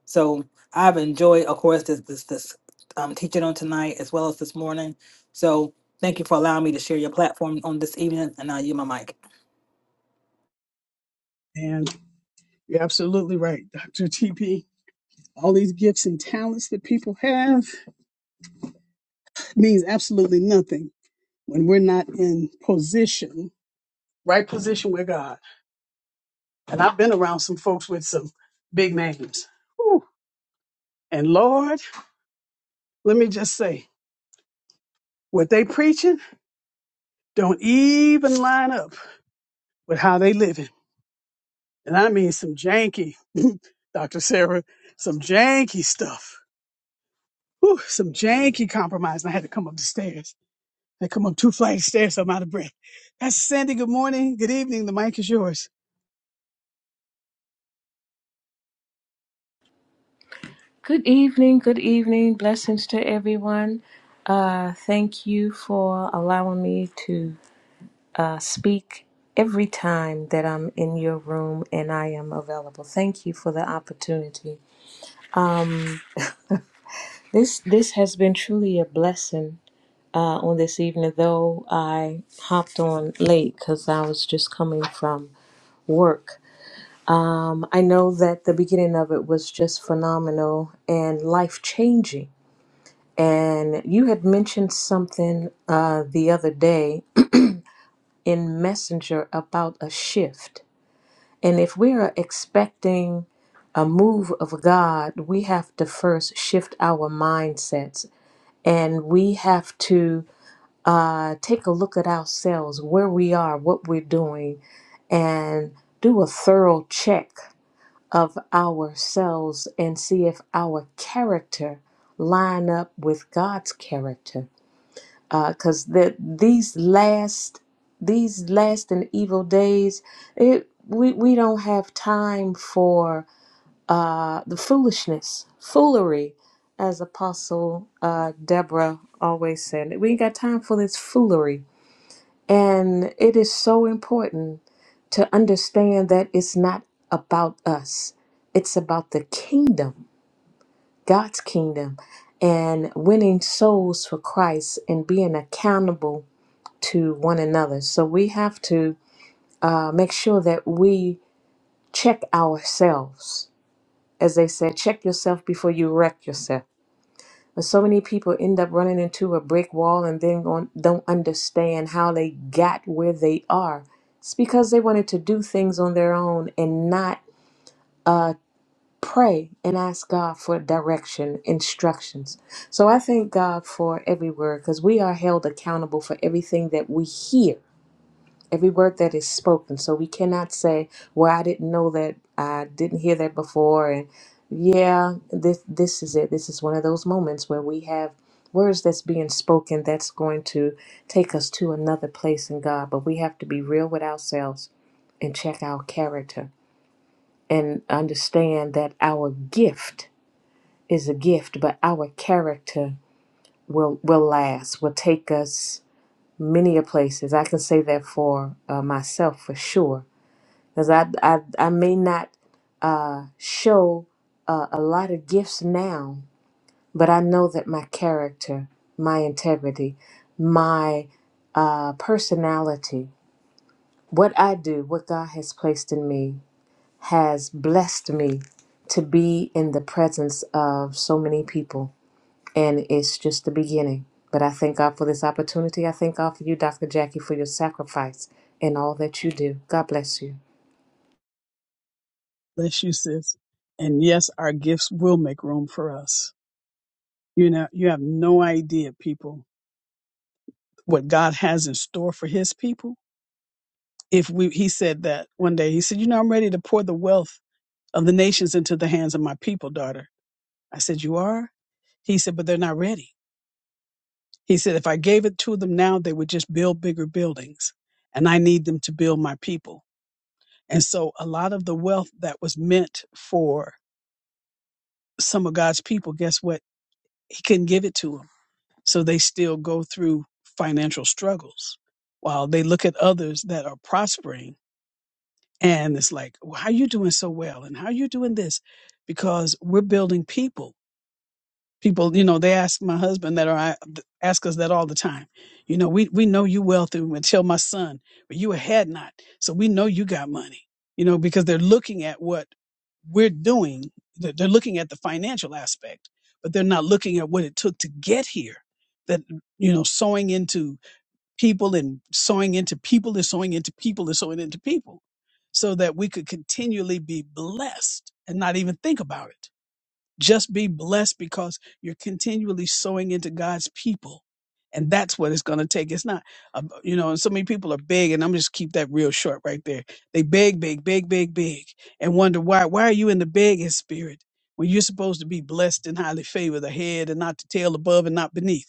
So I've enjoyed, of course, this this this um, teaching on tonight as well as this morning. So thank you for allowing me to share your platform on this evening, and I'll yield my mic. And you're absolutely right, Dr. TP. All these gifts and talents that people have means absolutely nothing when we're not in position, right position with God. And I've been around some folks with some big names. And Lord, let me just say, what they preaching don't even line up with how they living. And I mean some janky, Dr. Sarah, some janky stuff. Whew, some janky compromise. And I had to come up the stairs. I come up two flights of stairs, so I'm out of breath. Pastor Sandy, good morning. Good evening. The mic is yours. Good evening, good evening. Blessings to everyone. Uh, thank you for allowing me to uh, speak every time that I'm in your room and I am available. Thank you for the opportunity. Um, this this has been truly a blessing uh, on this evening, though I hopped on late because I was just coming from work. Um, I know that the beginning of it was just phenomenal and life changing And you had mentioned something uh, the other day in Messenger about a shift. And if we are expecting a move of God, we have to first shift our mindsets and we have to uh, take a look at ourselves, where we are, what we're doing, and do a thorough check of ourselves and see if our character line up with God's character because the these last these last and evil days it we, we don't have time for uh, the foolishness foolery as apostle uh, deborah always said we ain't got time for this foolery and it is so important to understand that it's not about us it's about the kingdom god's kingdom and winning souls for christ and being accountable to one another. So we have to uh, make sure that we check ourselves. As they said, check yourself before you wreck yourself. But so many people end up running into a brick wall and then gon- don't understand how they got where they are. It's because they wanted to do things on their own and not uh, pray and ask God for direction, instructions. So I thank God for every word because we are held accountable for everything that we hear every word that is spoken. So we cannot say, "Well, I didn't know that. I didn't hear that before." And yeah, this this is it. This is one of those moments where we have words that's being spoken that's going to take us to another place in God. But we have to be real with ourselves and check our character and understand that our gift is a gift, but our character will will last. Will take us many a places. I can say that for uh, myself for sure because I, I I may not uh, show uh, a lot of gifts now, but I know that my character, my integrity, my uh, personality, what I do, what God has placed in me, has blessed me to be in the presence of so many people, and it's just the beginning. But I thank God for this opportunity. I thank God for you, Dr. Jackie, for your sacrifice and all that you do. God bless you. Bless you, sis. And yes, our gifts will make room for us. You know, you have no idea, people, what God has in store for his people if we he said that one day he said you know i'm ready to pour the wealth of the nations into the hands of my people daughter i said you are he said but they're not ready he said if i gave it to them now they would just build bigger buildings and i need them to build my people and so a lot of the wealth that was meant for some of god's people guess what he couldn't give it to them so they still go through financial struggles while they look at others that are prospering and it's like well, how you doing so well and how you doing this because we're building people people you know they ask my husband that or i ask us that all the time you know we we know you wealthy and tell my son but you a had not so we know you got money you know because they're looking at what we're doing they're they're looking at the financial aspect but they're not looking at what it took to get here that you know sewing into people and sowing into people and sowing into people and sowing into people so that we could continually be blessed and not even think about it. Just be blessed because you're continually sowing into God's people. And that's what it's going to take. It's not, uh, you know, and so many people are big, and I'm just keep that real short right there. They beg, beg, beg, beg, beg, and wonder why. Why are you in the begging spirit when you're supposed to be blessed and highly favored, the head and not the tail, above and not beneath?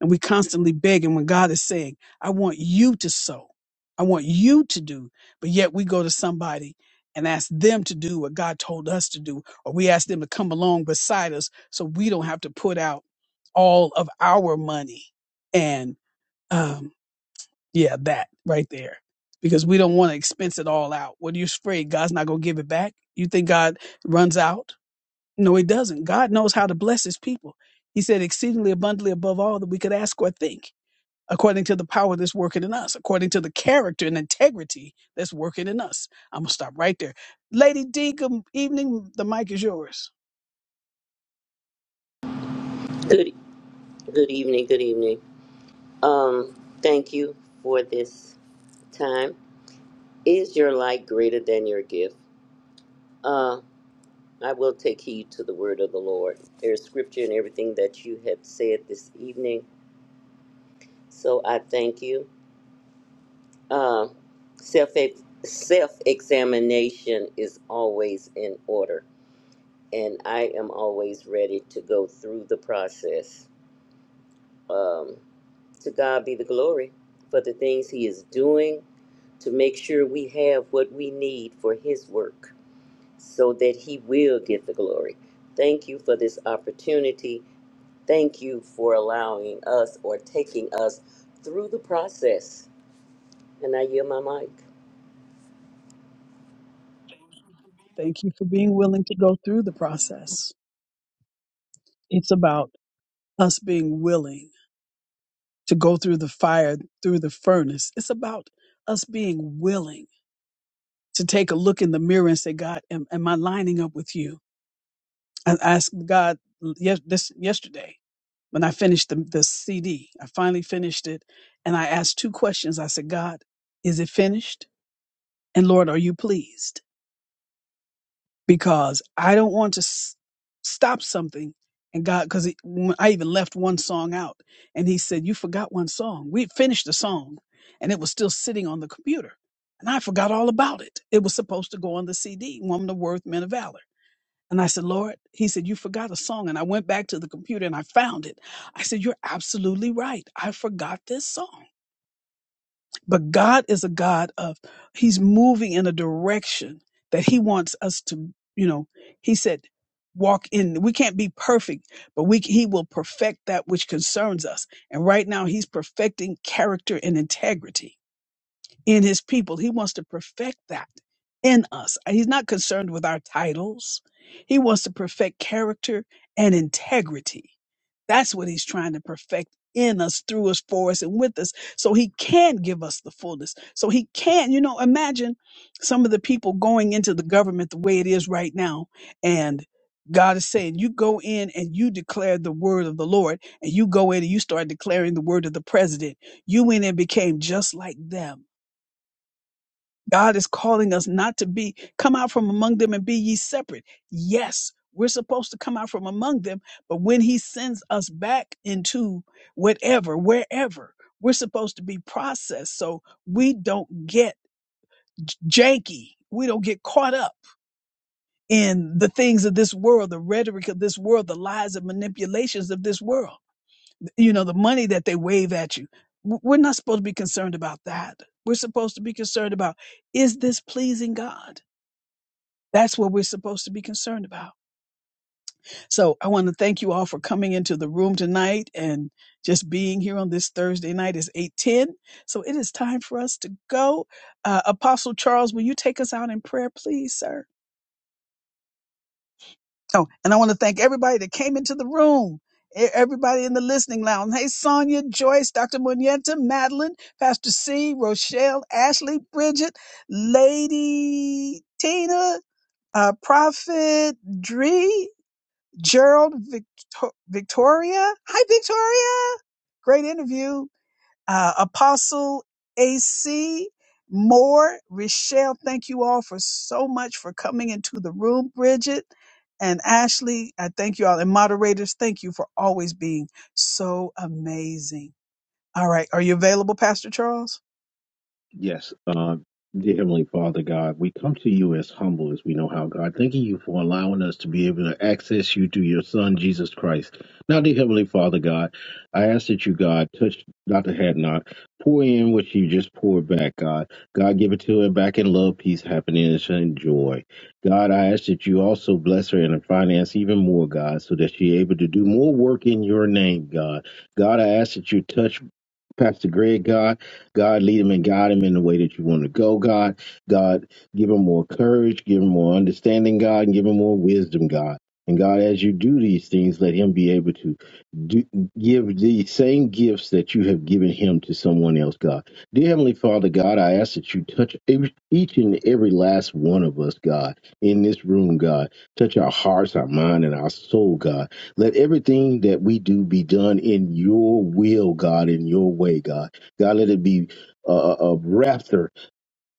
And we constantly begging when God is saying, I want you to sow. I want you to do. But yet we go to somebody and ask them to do what God told us to do, or we ask them to come along beside us so we don't have to put out all of our money. And um, yeah, that right there. Because we don't want to expense it all out. What are you afraid? God's not going to give it back? You think God runs out? No, he doesn't. God knows how to bless his people. He said exceedingly abundantly above all that we could ask or think according to the power that's working in us, according to the character and integrity that's working in us. I'm going to stop right there. Lady D, good evening. The mic is yours. Good, good evening, good evening. Um, thank you for this time. Is your light greater than your gift? Uh, I will take heed to the word of the Lord. There's scripture in everything that you have said this evening, so I thank you. Uh, self self examination is always in order, and I am always ready to go through the process. Um, to God be the glory for the things He is doing to make sure we have what we need for His work so that He will get the glory. Thank you for this opportunity. Thank you for allowing us or taking us through the process. And I yield my mic. Thank you for being willing to go through the process. It's about us being willing to go through the fire, through the furnace. It's about us being willing to take a look in the mirror and say, God, am, am I lining up with you? I asked God yes, this yesterday when I finished the, the CD. I finally finished it, and I asked two questions. I said, God, is it finished? And Lord, are you pleased? Because I don't want to s- stop something. And God, because I even left one song out, and He said, "You forgot one song. We finished the song, and it was still sitting on the computer, and I forgot all about it. It was supposed to go on the CD, Woman of Worth, Men of Valor." And I said, Lord, he said, You forgot a song. And I went back to the computer and I found it. I said, You're absolutely right. I forgot this song. But God is a God of, He's moving in a direction that He wants us to, you know, He said, walk in. We can't be perfect, but we, He will perfect that which concerns us. And right now, He's perfecting character and integrity in his people. He wants to perfect that in us. He's not concerned with our titles. He wants to perfect character and integrity. That's what he's trying to perfect in us, through us, for us, and with us, so he can give us the fullness. So he can, you know, imagine some of the people going into the government the way it is right now. And God is saying, you go in and you declare the word of the Lord, and you go in and you start declaring the word of the president. You went and became just like them God is calling us not to be, come out from among them and be ye separate. Yes, we're supposed to come out from among them, but when he sends us back into whatever, wherever, we're supposed to be processed so we don't get j- janky. We don't get caught up in the things of this world, the rhetoric of this world, the lies and manipulations of this world, you know, the money that they wave at you. W- We're not supposed to be concerned about that. We're supposed to be concerned about is this pleasing God? That's what we're supposed to be concerned about. So I want to thank you all for coming into the room tonight and just being here on this Thursday night It's 810. So it is time for us to go. Uh, Apostle Charles, will you take us out in prayer, please, sir? Oh, and I want to thank everybody that came into the room. e- Everybody in the listening lounge. Hey, Sonia, Joyce, Dr. Munienta, Madeline, Pastor C, Rochelle, Ashley, Bridget, Lady Tina, uh, Prophet Dree, Gerald Victor- Victoria. Hi, Victoria. Great interview. Uh, Apostle AC Moore, Rochelle, thank you all for so much for coming into the room, Bridget. And Ashley, I thank you all. And moderators, thank you for always being so amazing. All right. Are you available, Pastor Charles? Yes, uh, dear Heavenly Father God, we come to you as humble as we know how, God. Thanking you for allowing us to be able to access you through your Son, Jesus Christ. Now, dear Heavenly Father God, I ask that you, God, touch Dr. Hadnot, pour in what you just poured back, God. God, give it to her back in love, peace, happiness, and joy. God, I ask that you also bless her in her finance even more, God, so that she's able to do more work in your name, God. God, I ask that you touch. Pastor Greg, God, God, lead him and guide him in the way that you want to go, God. God, give him more courage, give him more understanding, God, and give him more wisdom, God. And God, as you do these things, let him be able to do, give the same gifts that you have given him to someone else, God. Dear Heavenly Father, God, I ask that you touch every, each and every last one of us, God, in this room, God. Touch our hearts, our mind, and our soul, God. Let everything that we do be done in your will, God, in your way, God. God, let it be a, a rapture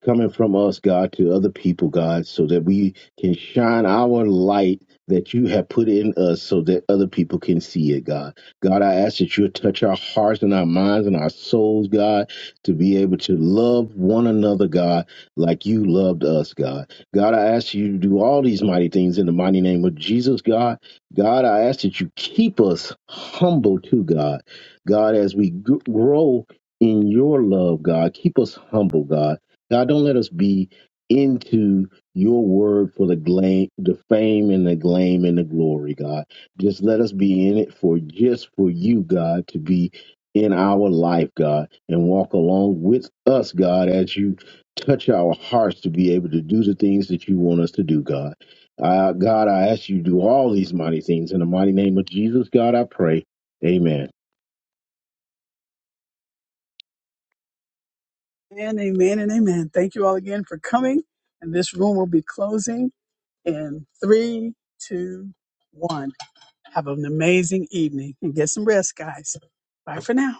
coming from us, God, to other people, God, so that we can shine our light that you have put in us so that other people can see it, God. God, I ask that you would touch our hearts and our minds and our souls, God, to be able to love one another, God, like you loved us, God. God, I ask you to do all these mighty things in the mighty name of Jesus, God. God, I ask that you keep us humble too, God. God, as we g- grow in your love, God, keep us humble, God God, don't let us be into your word for the gla- the fame and the glam and the glory, God. Just let us be in it for just for you, God, to be in our life, God, and walk along with us, God, as you touch our hearts to be able to do the things that you want us to do, God. Uh, God, I ask you to do all these mighty things in the mighty name of Jesus, God. I pray. Amen. And amen and amen. Thank you all again for coming. And this room will be closing in three, two, one. Have an amazing evening and get some rest, guys. Bye for now.